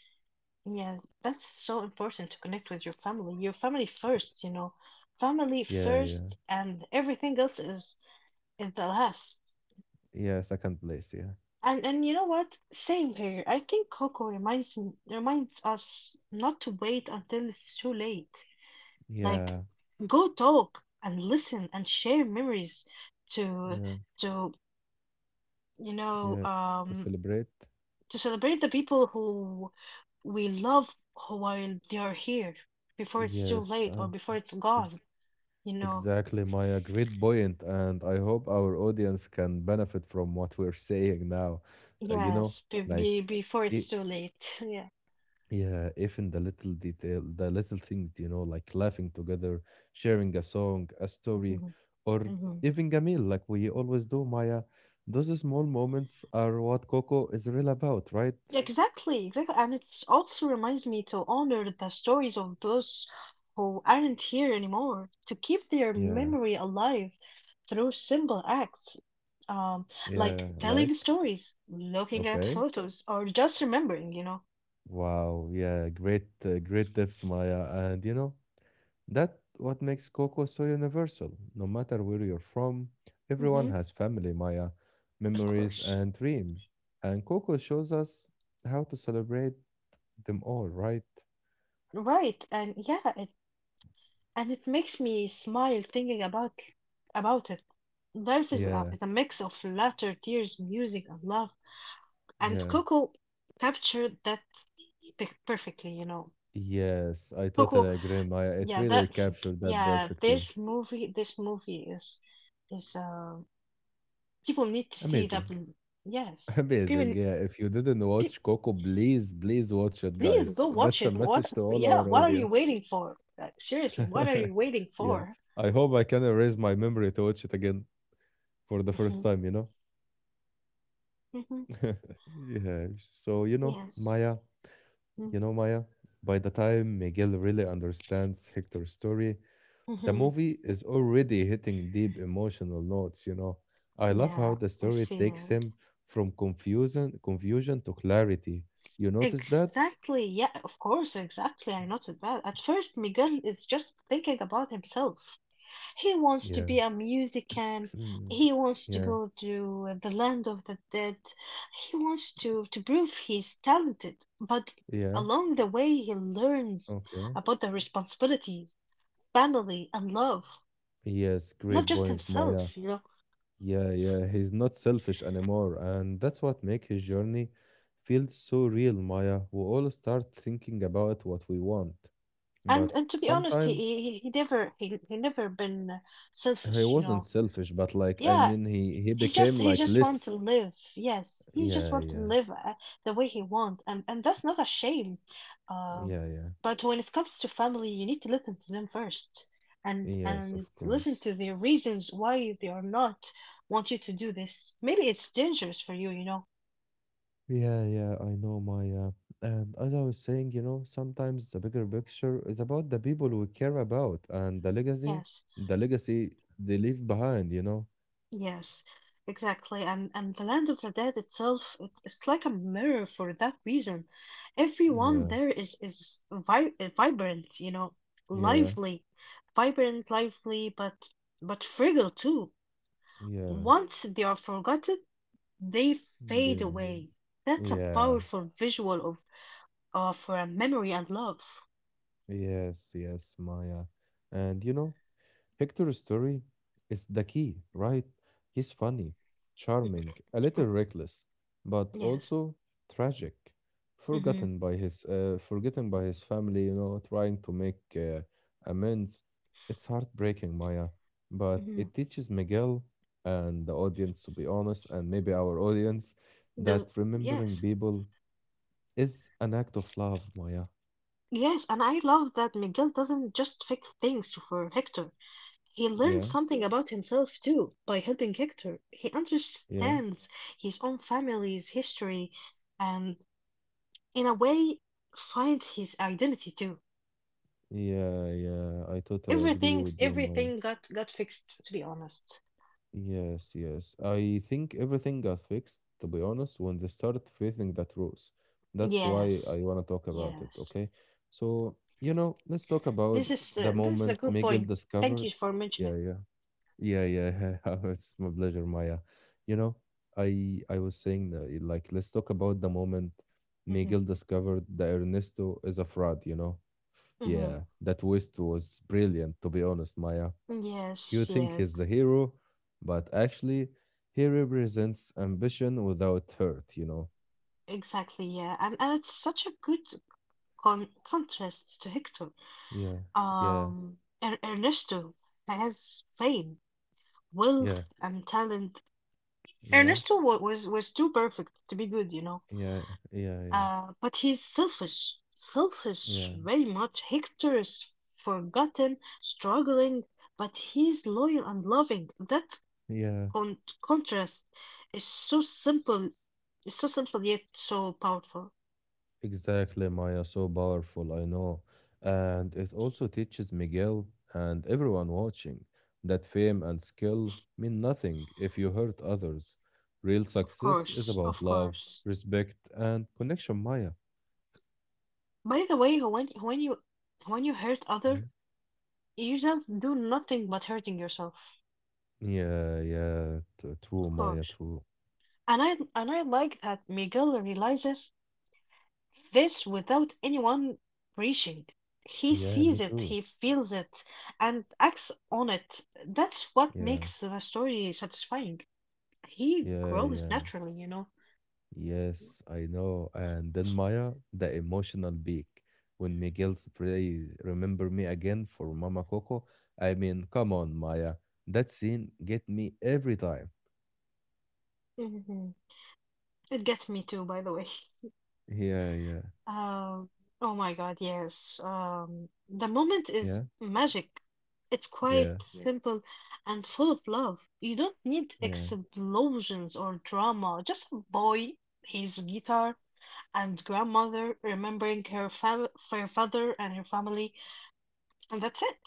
S2: Yes, that's so important to connect with your family. Your family first, you know. Family
S1: Yeah, yeah,
S2: first, and everything else is the last.
S1: yeah, second place, yeah.
S2: And you know what? Same here. I think Coco reminds us not to wait until it's too late. Like
S1: Yeah,
S2: go talk and listen and share memories to
S1: yeah,
S2: to you know
S1: yeah. To
S2: um
S1: celebrate?
S2: to celebrate the people who we love who while they are here before it's too
S1: Yes,
S2: late or before it's
S1: eg-
S2: gone, you know.
S1: exactly, Maya. Great point. And I hope our audience can benefit from what we're saying now. You know,
S2: Yes,
S1: like,
S2: before it's
S1: i-
S2: too late. Yeah.
S1: yeah, even the little detail, the little things, you know, like laughing together, sharing a song, a story, or
S2: Hmm.
S1: even a meal, like we always do, Maya. Those small moments are what Coco is real about, right?
S2: Exactly, exactly. And it also reminds me to honor the stories of those who aren't here anymore, to keep their
S1: Yeah,
S2: memory alive through simple acts, um,
S1: yeah,
S2: like
S1: like,
S2: telling stories, looking at
S1: okay.
S2: photos, or just remembering, you know.
S1: Wow, yeah, great, great tips, Maya. And you know, that what makes Coco so universal. No matter where you're from, everyone
S2: Mm-hmm,
S1: has family, Maya,
S2: of
S1: memories,
S2: course.
S1: and dreams. And Coco shows us how to celebrate them all, right?
S2: Right, and yeah, it makes me smile thinking about it. Life is
S1: Yeah,
S2: is a mix of laughter, tears, music, and love. And
S1: yeah.
S2: Coco captured that perfectly, you know.
S1: Yes, I totally
S2: Coco,
S1: agree, Maya. It
S2: yeah,
S1: really
S2: that,
S1: captured that
S2: yeah,
S1: perfectly.
S2: this movie is, is, uh, people need to see that.
S1: Amazing.
S2: Yes,
S1: Amazing.
S2: people,
S1: Yeah, if you didn't
S2: pe
S1: watch Coco, please, please watch it,
S2: please
S1: guys.
S2: go watch
S1: That's
S2: it.
S1: a
S2: What,
S1: message to all
S2: yeah,
S1: our
S2: what are you
S1: audience.
S2: waiting for? Like, seriously, what are you waiting
S1: Yeah,
S2: for?
S1: I hope I can erase my memory to watch it again for the first
S2: Hmm.
S1: time, you know?
S2: Hmm.
S1: yeah. So,
S2: Yes. Mm-hmm.
S1: You know, Maya, by the time Miguel really understands Hector's story, the
S2: Mm-hmm,
S1: movie is already hitting deep emotional notes, you know? I love
S2: yeah,
S1: how the
S2: I
S1: story takes
S2: feel
S1: him from confusion to clarity. You
S2: it.
S1: notice that?
S2: Exactly. Yeah, of course, exactly. I noticed that. At first, Miguel is just thinking about himself. He wants to
S1: Yeah.
S2: be a musician. He wants to
S1: yeah.
S2: go to the land of the dead. He wants to prove he's talented. But
S1: Yeah.
S2: along the way, he learns
S1: Okay.
S2: about the responsibilities, family, and love,
S1: Yes,
S2: not
S1: great
S2: just
S1: point, Maya.
S2: himself, you know.
S1: Yeah, yeah, he's not selfish anymore, and that's what make his journey feel so real, Maya. We all start thinking about what we want,
S2: And
S1: but
S2: and to be honest,
S1: sometimes
S2: he never been
S1: he
S2: selfish, you
S1: wasn't
S2: know.
S1: selfish, but like I
S2: Yeah,
S1: mean, he became
S2: He
S1: like
S2: just want to
S1: less.
S2: live. Yes, he just
S1: Yeah,
S2: want to
S1: yeah,
S2: live the way he want, and that's not a shame. Um,
S1: yeah, yeah.
S2: but when it comes to family, you need to listen to them first, and
S1: Yes,
S2: and
S1: of
S2: listen
S1: course.
S2: to their reasons why they are not want you to do this. Maybe it's dangerous for you, you know.
S1: Yeah, yeah, I know, Maya. And as I was saying, you know, sometimes the bigger picture is about the people we care about and
S2: Yes.
S1: the legacy they leave behind, you know.
S2: Yes, exactly. And the Land of the Dead itself, it's like a mirror for that reason. Everyone
S1: Yeah.
S2: there is vi vibrant, you know,
S1: Yeah.
S2: lively, vibrant, lively, but fragile too. Mm.
S1: Yeah,
S2: Once they are forgotten, they fade
S1: the
S2: away. That's a
S1: yeah,
S2: powerful visual of memory and love.
S1: yes, yes, Maya. And you know, Hector's story is the key, right? He's funny, charming, a
S2: Mm.
S1: little reckless, but
S2: Yes.
S1: also tragic,
S2: Mm-hmm.
S1: forgotten by his family, you know, trying to make amends. It's heartbreaking, Maya, but
S2: Mm-hmm.
S1: it teaches Miguel and the audience, to be honest, and maybe our audience, that remembering
S2: Yes.
S1: people is an act of love, Maya.
S2: Yes, and I love that Miguel doesn't just fix things for Hector. He
S1: Yeah,
S2: learns something about himself too by helping Hector. He
S1: yeah,
S2: understands his own family's history and in a way finds his identity too.
S1: yeah, yeah. I totally agree
S2: Everything
S1: with you, Maya.
S2: everything got fixed to be honest.
S1: Yes, yes. I think everything got fixed, to be honest, when they started facing that rules. That's why I
S2: Yes.
S1: want to talk about it,
S2: Yes.
S1: okay? So, you know, let's talk about the
S2: This is
S1: moment
S2: a good
S1: Miguel
S2: point. Thank
S1: discovered.
S2: you for
S1: Yeah,
S2: mentioning
S1: yeah. Yeah, yeah. It's my pleasure, Maya. You know, I was saying that like let's talk about the moment
S2: it. Mm-hmm.
S1: Miguel discovered that Ernesto is a fraud, you know?
S2: Mm-hmm.
S1: Yeah, that twist was brilliant, to be honest, Maya. You
S2: Yes,
S1: think
S2: yeah,
S1: he's the hero, but actually, he represents ambition without hurt, you know?
S2: exactly, yeah. And it's such a good contrast to Hector.
S1: Yeah, yeah,
S2: Um, Ernesto has fame, wealth,
S1: yeah,
S2: and talent.
S1: yeah,
S2: Ernesto was too perfect to be good, you know.
S1: yeah, yeah, yeah,
S2: But he's selfish, selfish
S1: yeah,
S2: very much. Hector is forgotten, struggling, but he's loyal and loving. That
S1: yeah.
S2: contrast is so simple, is so simple yet so powerful.
S1: Exactly, Maya. So powerful, I know. And it also teaches Miguel and everyone watching that fame and skill mean nothing if you hurt others. Real
S2: Of
S1: success is
S2: course,
S1: about
S2: of
S1: love,
S2: course.
S1: respect, and connection, Maya.
S2: By the way, when you hurt other.
S1: Yeah.
S2: You just do nothing but hurting yourself,
S1: Yeah, yeah. True,
S2: of
S1: Maya,
S2: course.
S1: true.
S2: And I like that Miguel realizes this without anyone preaching. He
S1: Yeah, me
S2: sees it,
S1: too.
S2: he feels it, and acts on it. That's what
S1: Yeah,
S2: makes the story satisfying. He
S1: yeah,
S2: grows
S1: yeah.
S2: naturally, you know.
S1: Yes, I know. And then Maya, the emotional peak. When Miguel's phrase, remember me again for Mama Coco. I mean, come on, Maya. That scene get me every time.
S2: Mhm. It gets me too, by the way.
S1: Yeah, yeah,
S2: Um, oh my God, yes. The moment is
S1: yeah,
S2: magic. It's quite,
S1: yeah,
S2: yeah, simple and full of love. You don't need
S1: yeah.
S2: explosions or drama. Just a boy, his guitar, and grandmother remembering her fa her father and her family, and that's it.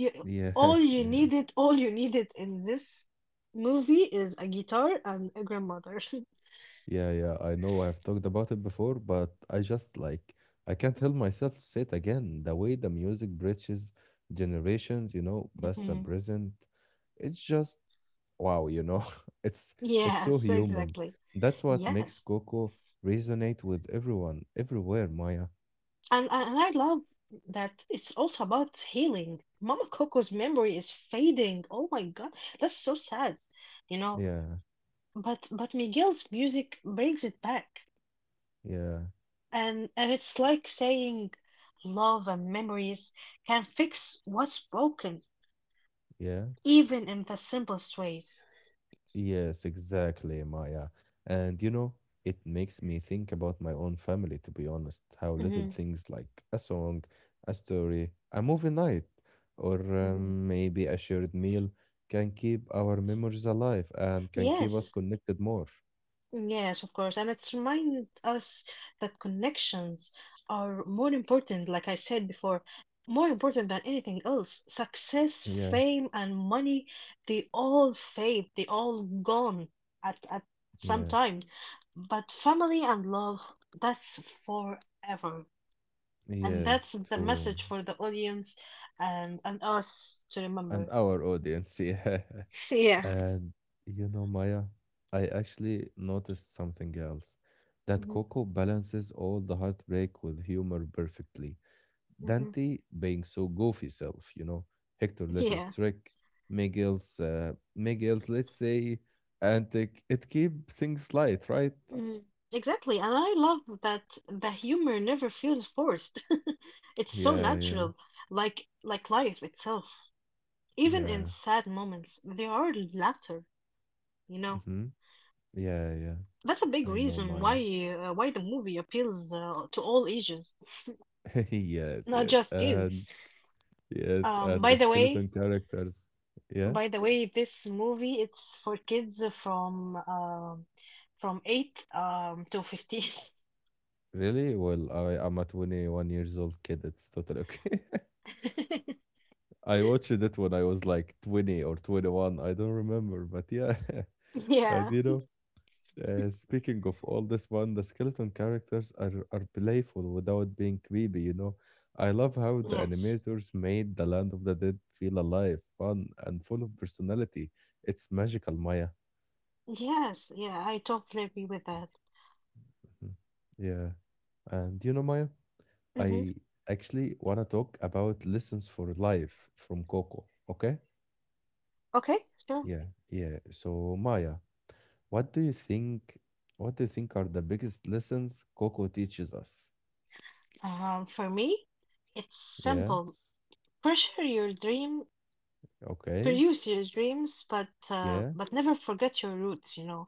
S1: Yes, yes.
S2: all you needed in this movie is a guitar and a grandmother.
S1: Yeah, yeah, I know I've talked about it before, but I just like I can't help myself say it again. The way the music bridges generations, past and
S2: Mhm.
S1: present, it's just wow, It's it's so
S2: Yes,
S1: human.
S2: exactly.
S1: That's what makes
S2: Yes.
S1: Coco resonate with everyone, everywhere, Maya.
S2: And I love that it's also about healing. Mama Coco's memory is fading. Oh my God, that's so sad, you know.
S1: Yeah,
S2: But Miguel's music brings it back,
S1: yeah,
S2: and it's like saying love and memories can fix what's broken,
S1: yeah.
S2: even in the simplest ways.
S1: Yes, exactly, Maya. And you know, it makes me think about my own family, to be honest, how little
S2: Hmm.
S1: things like a song, a story, a movie night, or
S2: Hmm.
S1: maybe a shared meal can keep our memories alive and can keep us
S2: Yes.
S1: connected more.
S2: Yes, of course. And it's remind us that connections are more important, like I said before, more important than anything else. Success,
S1: Yeah,
S2: fame, and money, they all fade, they all gone at some
S1: yes,
S2: time. But family and love, that's forever. And that's
S1: yes,
S2: the
S1: true.
S2: message for the audience and us to
S1: And
S2: remember.
S1: our audience, yeah.
S2: Yeah.
S1: And you know, Maya, I actually noticed something else. That
S2: Hmm.
S1: Coco balances all the heartbreak with humor perfectly.
S2: Hmm.
S1: Dante being so goofy self, you know, Hector Letter's
S2: Yeah.
S1: trick, Miguel's, let's say, antic. It keep things light, right?
S2: Mm, exactly, and I love that the humor never feels forced. It's so
S1: Yeah, yeah,
S2: natural, like life itself. Even in
S1: yeah.
S2: sad moments, there are laughter, you know.
S1: Mm-hmm. Yeah, yeah.
S2: That's a big
S1: I know,
S2: reason
S1: Maya.
S2: why the movie appeals to all ages,
S1: Yes,
S2: not
S1: yes.
S2: just kids.
S1: And yes,
S2: Um,
S1: and the
S2: by the way,
S1: skeleton characters. Yeah.
S2: by the way, this movie it's for kids from eight to 15.
S1: Really? Well, I'm a 21 years old kid. It's totally okay. I watched it when I was like 20 or 21. I don't remember, but yeah. And
S2: Yeah,
S1: you know, speaking of all this one, the skeleton characters are playful without being creepy, you know. I love how the
S2: yes.
S1: animators made the Land of the Dead feel alive, fun, and full of personality. It's magical, Maya.
S2: Yes, yeah, I totally agree with that.
S1: Mhm. Yeah. And you know, Maya?
S2: Hmm.
S1: I actually want to talk about lessons for life from Coco. Okay?
S2: Okay, sure.
S1: Yeah, yeah. So Maya, what do you think? What do you think are the biggest lessons Coco teaches us?
S2: Um, for me, it's
S1: Yeah.
S2: simple. Pursue your dream,
S1: Okay.
S2: pursue your dreams,
S1: Yeah.
S2: but never forget your roots, you know.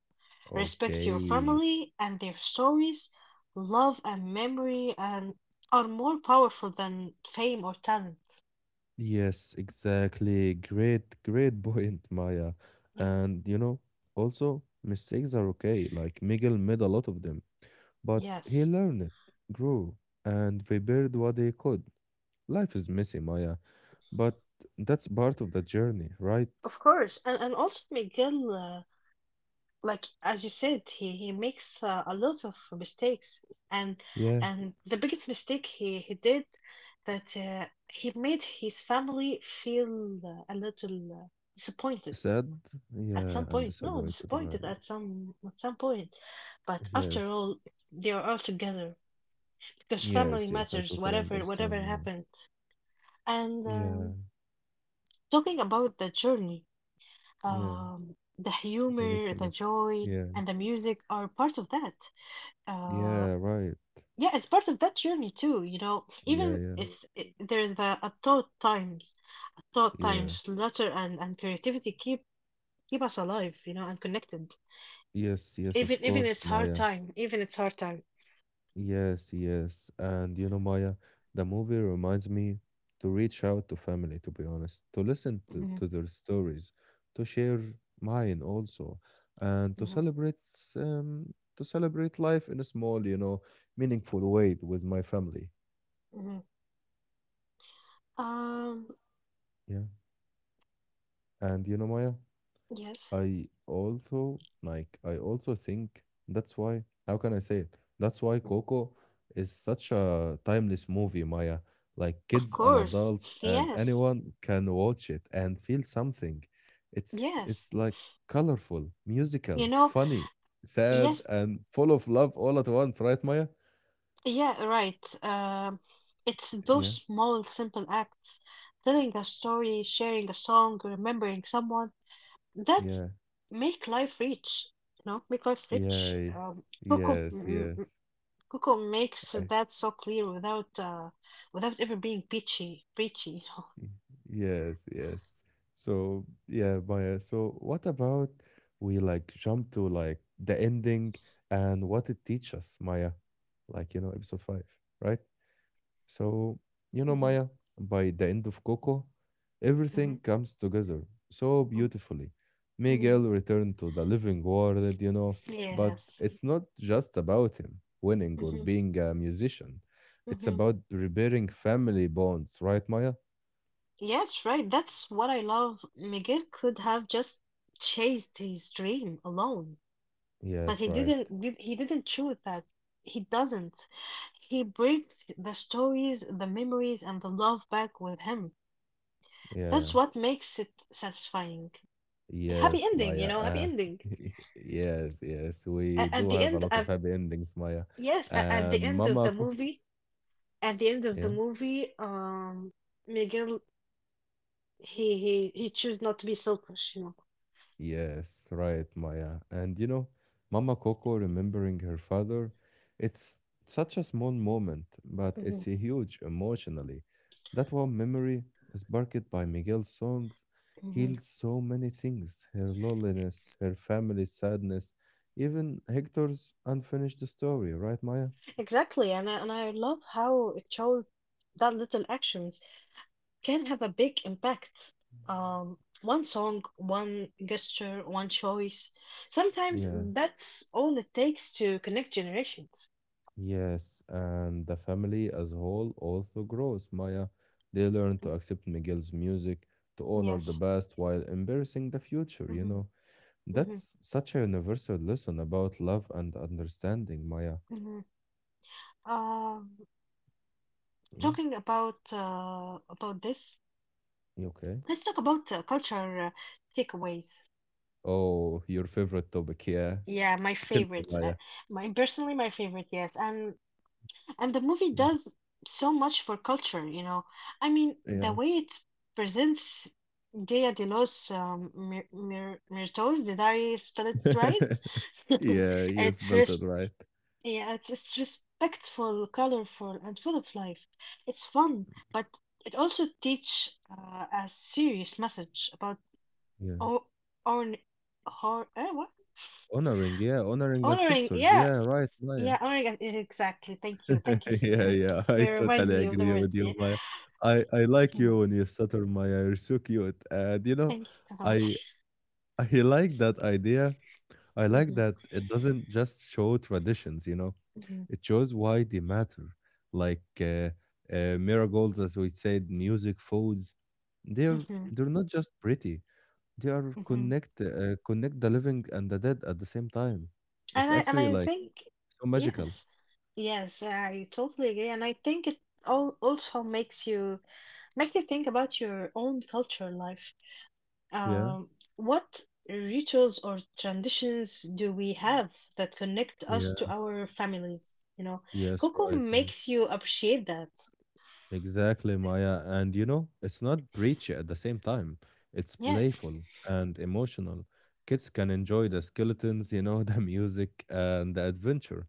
S2: Respect your
S1: Okay.
S2: family and their stories. Love and memory and are more powerful than fame or talent.
S1: Yes, exactly. Great, point, Maya.
S2: Yeah.
S1: And you know, also mistakes are okay. Like Miguel made a lot of them, but he
S2: Yes.
S1: learned, grew, and repaired what he could. Life is messy, Maya. But that's part of the journey, right?
S2: Of course. And also Miguel, like as you said, he makes a lot of mistakes, and
S1: Yeah.
S2: and the biggest mistake he did, that he made his family feel a little disappointed
S1: Sad,
S2: at
S1: yeah,
S2: some
S1: and
S2: point no
S1: disappointed,
S2: disappointed
S1: right?
S2: at some point. But after
S1: Yes.
S2: all, they are all together because family
S1: Yes, yes, I
S2: matters,
S1: totally
S2: whatever
S1: understand now.
S2: happened. And
S1: Yeah,
S2: talking about the journey,
S1: yeah.
S2: the
S1: We need
S2: humor,
S1: to
S2: the
S1: mention.
S2: joy,
S1: Yeah.
S2: and the music are part of that. Uh,
S1: Yeah, right.
S2: Yeah, it's part of that journey too, you know. Even
S1: Yeah, yeah,
S2: if there's the a thought times
S1: yeah.
S2: letter and creativity keep us alive, you know, and connected.
S1: Yes, yes, of
S2: Even even
S1: course,
S2: it's hard
S1: Maya.
S2: time, even it's hard time.
S1: Yes, yes. And you know, Maya, the movie reminds me to reach out to family, to be honest, to
S2: Hmm
S1: to their stories, to share mine also, and
S2: hmm
S1: to celebrate life in a small, you know, meaningful way with my family.
S2: hmm Um,
S1: Yeah. And you know, Maya?
S2: yes,
S1: I also like I also think that's why how can I say it? That's why Coco is such a timeless movie, Maya. Like
S2: of
S1: kids and
S2: course,
S1: adults and
S2: yes,
S1: anyone can watch it and feel something. It's
S2: yes,
S1: it's like colorful,
S2: you
S1: musical,
S2: know,
S1: funny, sad,
S2: yes,
S1: and full of love all at once, right, Maya?
S2: yeah, right. It's those
S1: Yeah,
S2: small, simple acts, telling a story, sharing a song, remembering someone That's
S1: yeah,
S2: make life rich, you make life
S1: yeah.
S2: rich.
S1: yeah,
S2: Coco,
S1: Yes,
S2: mm,
S1: yes.
S2: mm, Coco makes
S1: I
S2: that so clear without without ever being preachy.
S1: Yes, yes. So yeah, Maya. So what about we like jump to like the ending and what it teaches Maya? Like, you know, episode 5, right? So, you know,
S2: Hmm
S1: Maya, by the end of Coco, everything
S2: hmm
S1: comes together so beautifully. Miguel
S2: hmm
S1: returned to the living world, you know, but
S2: Yes.
S1: it's not just about him winning or
S2: hmm
S1: being a musician. It's
S2: hmm
S1: about repairing family bonds, right, Maya?
S2: Yes, right. That's what I love. Miguel could have just chased his dream alone, but
S1: Yes,
S2: he
S1: right.
S2: didn't. He didn't choose that. He doesn't. He brings the stories, the memories, and the love back with him.
S1: Yeah.
S2: That's what makes it satisfying. Happy
S1: Yes,
S2: ending, you
S1: Maya.
S2: know, happy ending.
S1: Yes, yes. We
S2: At
S1: do
S2: the
S1: have a
S2: end
S1: lot of
S2: of
S1: happy endings, Maya.
S2: yes, at the
S1: And
S2: end of
S1: Mama,
S2: the
S1: co-
S2: movie, at the end
S1: yeah.
S2: of the movie, Miguel, he chose not to be selfish, you know.
S1: Yes, right, Maya. And you know, Mama Coco remembering her father, it's such a small moment, but it's huge emotionally. That one memory, sparked by Miguel's songs,
S2: Hmm hmm
S1: heals so many things her loneliness, her family's sadness, even Hector's unfinished story, right, Maya?
S2: Exactly, and I love how it showed that little actions can have a big impact. One song, one gesture, one choice. Sometimes
S1: Yeah.
S2: that's all it takes to connect generations.
S1: Yes, and the family as a whole also grows, Maya. They learn to accept Miguel's music, to honor the
S2: Yes.
S1: past while embracing the future, you
S2: Mhm,
S1: know.
S2: mhm,
S1: That's such a universal lesson about love and understanding, Maya.
S2: mhm. Um,
S1: Yeah,
S2: Talking about this,
S1: you okay?
S2: let's talk about culture takeaways.
S1: Oh, your favorite topic, yeah.
S2: Yeah, my
S1: Tell me,
S2: favorite,
S1: Maya.
S2: my personally my favorite, yes, and the movie
S1: Yeah.
S2: does so much for culture, you know. I mean, the
S1: Yeah,
S2: way it presents Dia de los Mir Mir Muertos, did I spell it right?
S1: yeah you
S2: It's
S1: spelled
S2: res
S1: it right.
S2: Yeah, it's respectful, colorful, and full of life. It's fun, but it also teach a serious message about
S1: Yeah.
S2: o- on what?
S1: Honoring, yeah, honoring
S2: Honoring.
S1: ancestors.
S2: Yeah,
S1: Yeah, right, Maya.
S2: yeah, honoring. Exactly. Thank you. Thank you for,
S1: Yeah, yeah,
S2: for
S1: I
S2: reminding
S1: totally
S2: me of the
S1: agree
S2: word.
S1: with you,
S2: Yeah.
S1: Maya. I like you
S2: Mhm.
S1: when you stutter, Maya. You're so cute, and you know,
S2: Thank you so
S1: I
S2: much.
S1: I like that idea. I like that it doesn't just show traditions. You know,
S2: hmm hmm
S1: it shows why they matter. Like miracles, as we said, music, foods. They're
S2: hmm
S1: they're not just pretty. They are
S2: hmm
S1: connect the living and the dead at the same time. It's
S2: And I and
S1: actually
S2: I
S1: like
S2: think
S1: so magical.
S2: yes, yes, I totally agree. And I think it all also makes you make you think about your own culture life.
S1: Yeah.
S2: Um, what rituals or traditions do we have that connect us
S1: Yeah.
S2: to our families? You know,
S1: Yes.
S2: Coco yes,
S1: Right, Maya.
S2: makes you appreciate that.
S1: Exactly, Maya. And you know, it's not preachy at the same time. It's
S2: Yes.
S1: playful and emotional. Kids can enjoy the skeletons, you know, the music and the adventure,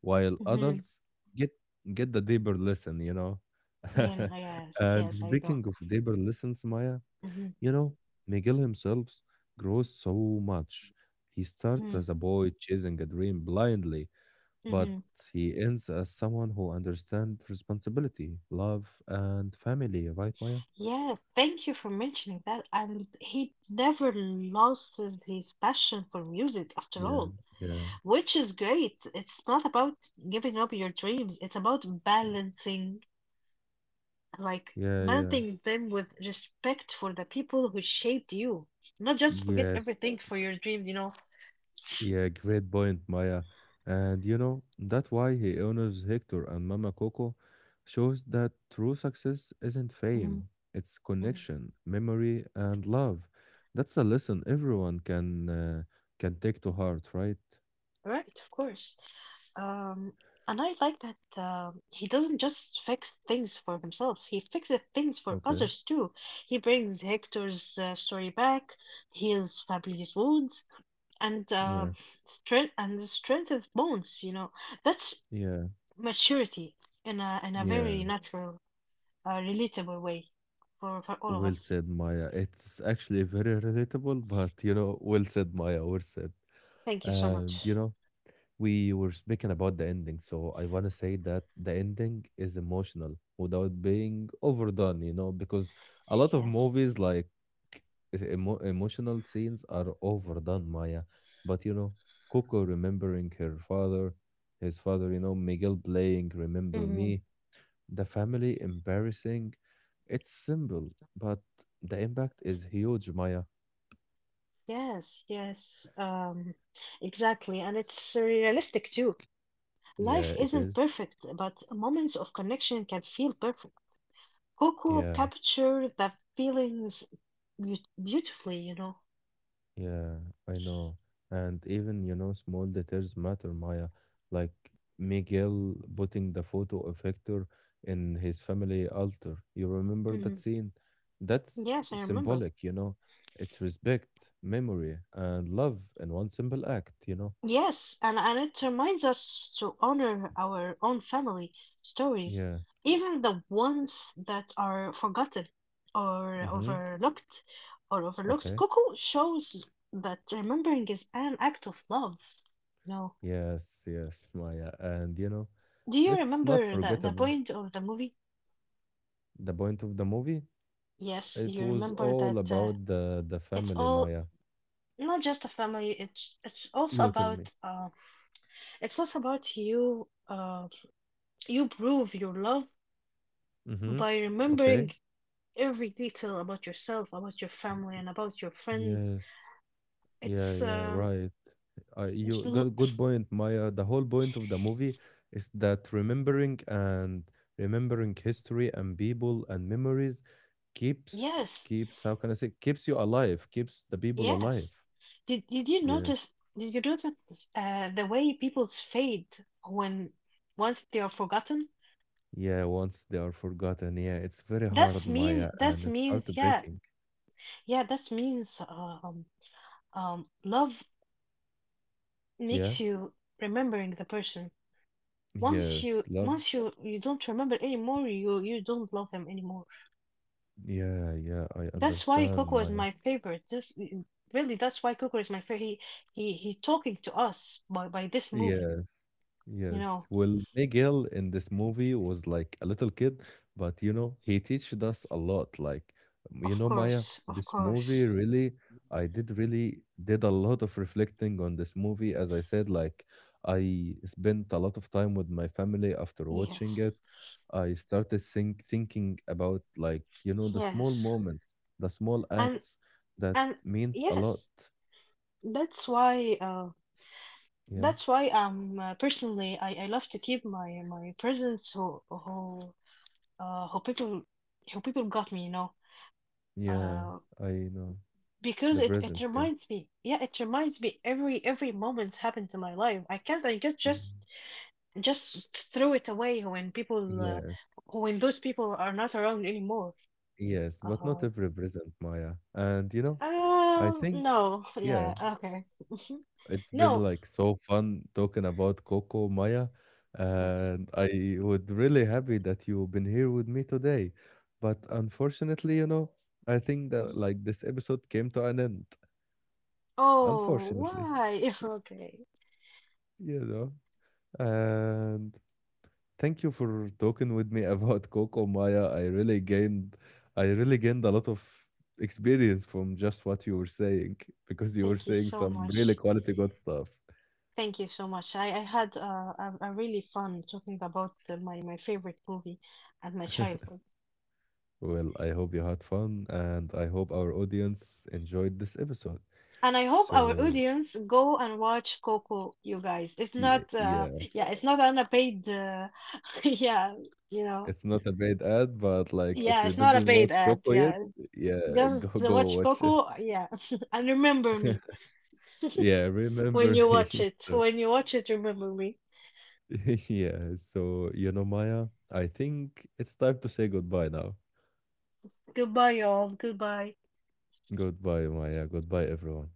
S1: while
S2: hmm
S1: adults get get the deeper lesson, you know.
S2: Yeah, yes,
S1: And
S2: yes, I know.
S1: speaking of deeper lessons, Maya,
S2: Hmm
S1: you know, Miguel himself grows so much. He starts
S2: hmm
S1: as a boy chasing a dream blindly, but
S2: hmm
S1: he ends as someone who understands responsibility, love, and family, right, Maya?
S2: Yeah, thank you for mentioning that. And he never lost his passion for music after
S1: Yeah,
S2: all,
S1: yeah,
S2: which is great. It's not about giving up your dreams, it's about balancing, like
S1: yeah, yeah.
S2: mounting them with respect for the people who shaped you, not just forget everything
S1: Yes,
S2: for your dreams, you know.
S1: yeah, great point, Maya. And you know, that's why he honors Hector and Mama Coco shows that true success isn't
S2: Mhm,
S1: fame, it's
S2: mhm.
S1: connection, memory, and love. That's a lesson everyone can take to heart, right?
S2: Right, of course. Um, and I like that um, he doesn't just fix things for himself, he fixes things for
S1: Okay.
S2: others too. He brings Hector's story back, heals Fabry's wounds, and
S1: Yeah.
S2: strengthens bones. You know, that's
S1: Yeah.
S2: maturity in a very
S1: Yeah.
S2: natural, a relatable way for all of
S1: Well
S2: us.
S1: said, Maya. It's actually very relatable, but you know, well said, Maya. Well said.
S2: Thank you so much.
S1: And you know, we were speaking about the ending, so I want to say that the ending is emotional without being overdone, you know, because a lot of
S2: Yes.
S1: movies like emotional scenes are overdone, Maya. But you know, Coco remembering her father, his father, you know, Miguel playing Remember
S2: hmm
S1: Me, the family embarrassing. It's simple, but the impact is huge, Maya.
S2: Yes, yes. Exactly. And it's realistic too. Life
S1: Yeah, it
S2: isn't
S1: is.
S2: perfect, but moments of connection can feel perfect. Coco
S1: Yeah,
S2: captured the feelings beautifully, you know.
S1: yeah, I know. And even, you know, small details matter, Maya. Like Miguel putting the photo of Hector in his family altar. You remember that
S2: Mhm.
S1: scene? That's
S2: Yes, I remember.
S1: symbolic, you know. It's respect, memory, and love in one simple act, you know?
S2: Yes, and it reminds us to honor our own family stories,
S1: Yeah.
S2: even the ones that are forgotten or
S1: Mm-hmm.
S2: overlooked or overlooked.
S1: Okay.
S2: Coco shows that remembering is an act of love. No.
S1: Yes, yes, Maya. And you know,
S2: Do you
S1: let's not
S2: remember
S1: forget
S2: the
S1: about
S2: point of the movie?
S1: the point of the movie.
S2: Yes,
S1: It
S2: you
S1: was
S2: remember
S1: all
S2: that
S1: about the
S2: it's
S1: family,
S2: all,
S1: Maya.
S2: not just a family,
S1: You tell me.
S2: it's also about you you prove your love
S1: Mm-hmm.
S2: by
S1: Okay.
S2: remembering every detail about yourself, about your family, and about your friends.
S1: Yes. Yeah,
S2: It's
S1: yeah, right.
S2: it's
S1: You
S2: l-
S1: got good point, Maya. The whole point of the movie is that remembering and remembering history and people and memories keeps
S2: yes,
S1: keeps how can I say keeps you alive, keeps the people
S2: yes.
S1: alive.
S2: Did you notice?
S1: Yes.
S2: Did you notice the way people's fade when once they are forgotten?
S1: Yeah, once they are forgotten, yeah, it's very hard, Maya, and
S2: That
S1: it's
S2: means yeah,
S1: heartbreaking.
S2: yeah. That means love
S1: Yeah,
S2: makes you remembering the person. Once
S1: yes,
S2: you
S1: love.
S2: once you you don't remember anymore, you don't love them anymore.
S1: Yeah, yeah, I
S2: That's why
S1: understand,
S2: Coco is
S1: Maya.
S2: my favorite. Really, that's why Coco is my favorite. He talking to us by this movie,
S1: Yes.
S2: you
S1: Yes.
S2: know.
S1: Well, Miguel in this movie was like a little kid, but you know, he teached us a lot. Like, you
S2: Of
S1: know, Maya,
S2: course, of
S1: this
S2: course.
S1: movie really, I did a lot of reflecting on this movie. As I said, like, I spent a lot of time with my family after watching
S2: Yes.
S1: it. I started thinking about like, you know, the small
S2: Yes.
S1: moments, the small
S2: And
S1: acts that
S2: and
S1: means a lot.
S2: yes, that's why
S1: Yeah.
S2: personally I love to keep my presents uh who people who people got me, you know.
S1: Yeah,
S2: Uh
S1: I know.
S2: because
S1: The
S2: it it
S1: presence, yeah.
S2: reminds me. Yeah, it reminds me every moment happened to my life. I can't I get
S1: Mm,
S2: just and just throw it away when people
S1: yes,
S2: when those people are not around anymore.
S1: yes, but not
S2: uh,
S1: every present, Maya. And you know, I think,
S2: no,
S1: yeah,
S2: yeah, okay.
S1: it's been
S2: No,
S1: like so fun talking about Coco, Maya,
S2: yes.
S1: and I would really happy that you've been here with me today. But unfortunately, you know, I think that
S2: Mm-hmm.
S1: like this episode came to an end,
S2: Oh
S1: unfortunately,
S2: why? Okay,
S1: you know. And thank you for talking with me about Coco Maya. I really gained a lot of experience from just what you were saying because you were
S2: thank you
S1: saying
S2: so
S1: some really
S2: much,
S1: quality good stuff.
S2: thank you so much. I had a really fun talking about my my favorite movie and my childhood.
S1: Well, I hope you had fun and I hope our audience enjoyed this episode.
S2: And I hope our
S1: So
S2: audience go and watch Coco, you guys. It's
S1: yeah,
S2: not uh,
S1: yeah,
S2: yeah, it's not on a paid yeah, you know.
S1: it's not a bad ad, but like if
S2: Yeah,
S1: you
S2: it's not a
S1: didn't
S2: bait
S1: watch
S2: ad.
S1: Coco yet,
S2: Yeah,
S1: yeah,
S2: just
S1: go
S2: watch
S1: watch it.
S2: Coco. Yeah, and remember me
S1: yeah,
S2: when
S1: remember
S2: you
S1: me.
S2: watch it.
S1: So
S2: When you watch it, remember me.
S1: yeah, so you know, Maya, I think it's time to say goodbye now.
S2: Goodbye, y'all. Goodbye.
S1: Goodbye, Maya. Goodbye, everyone.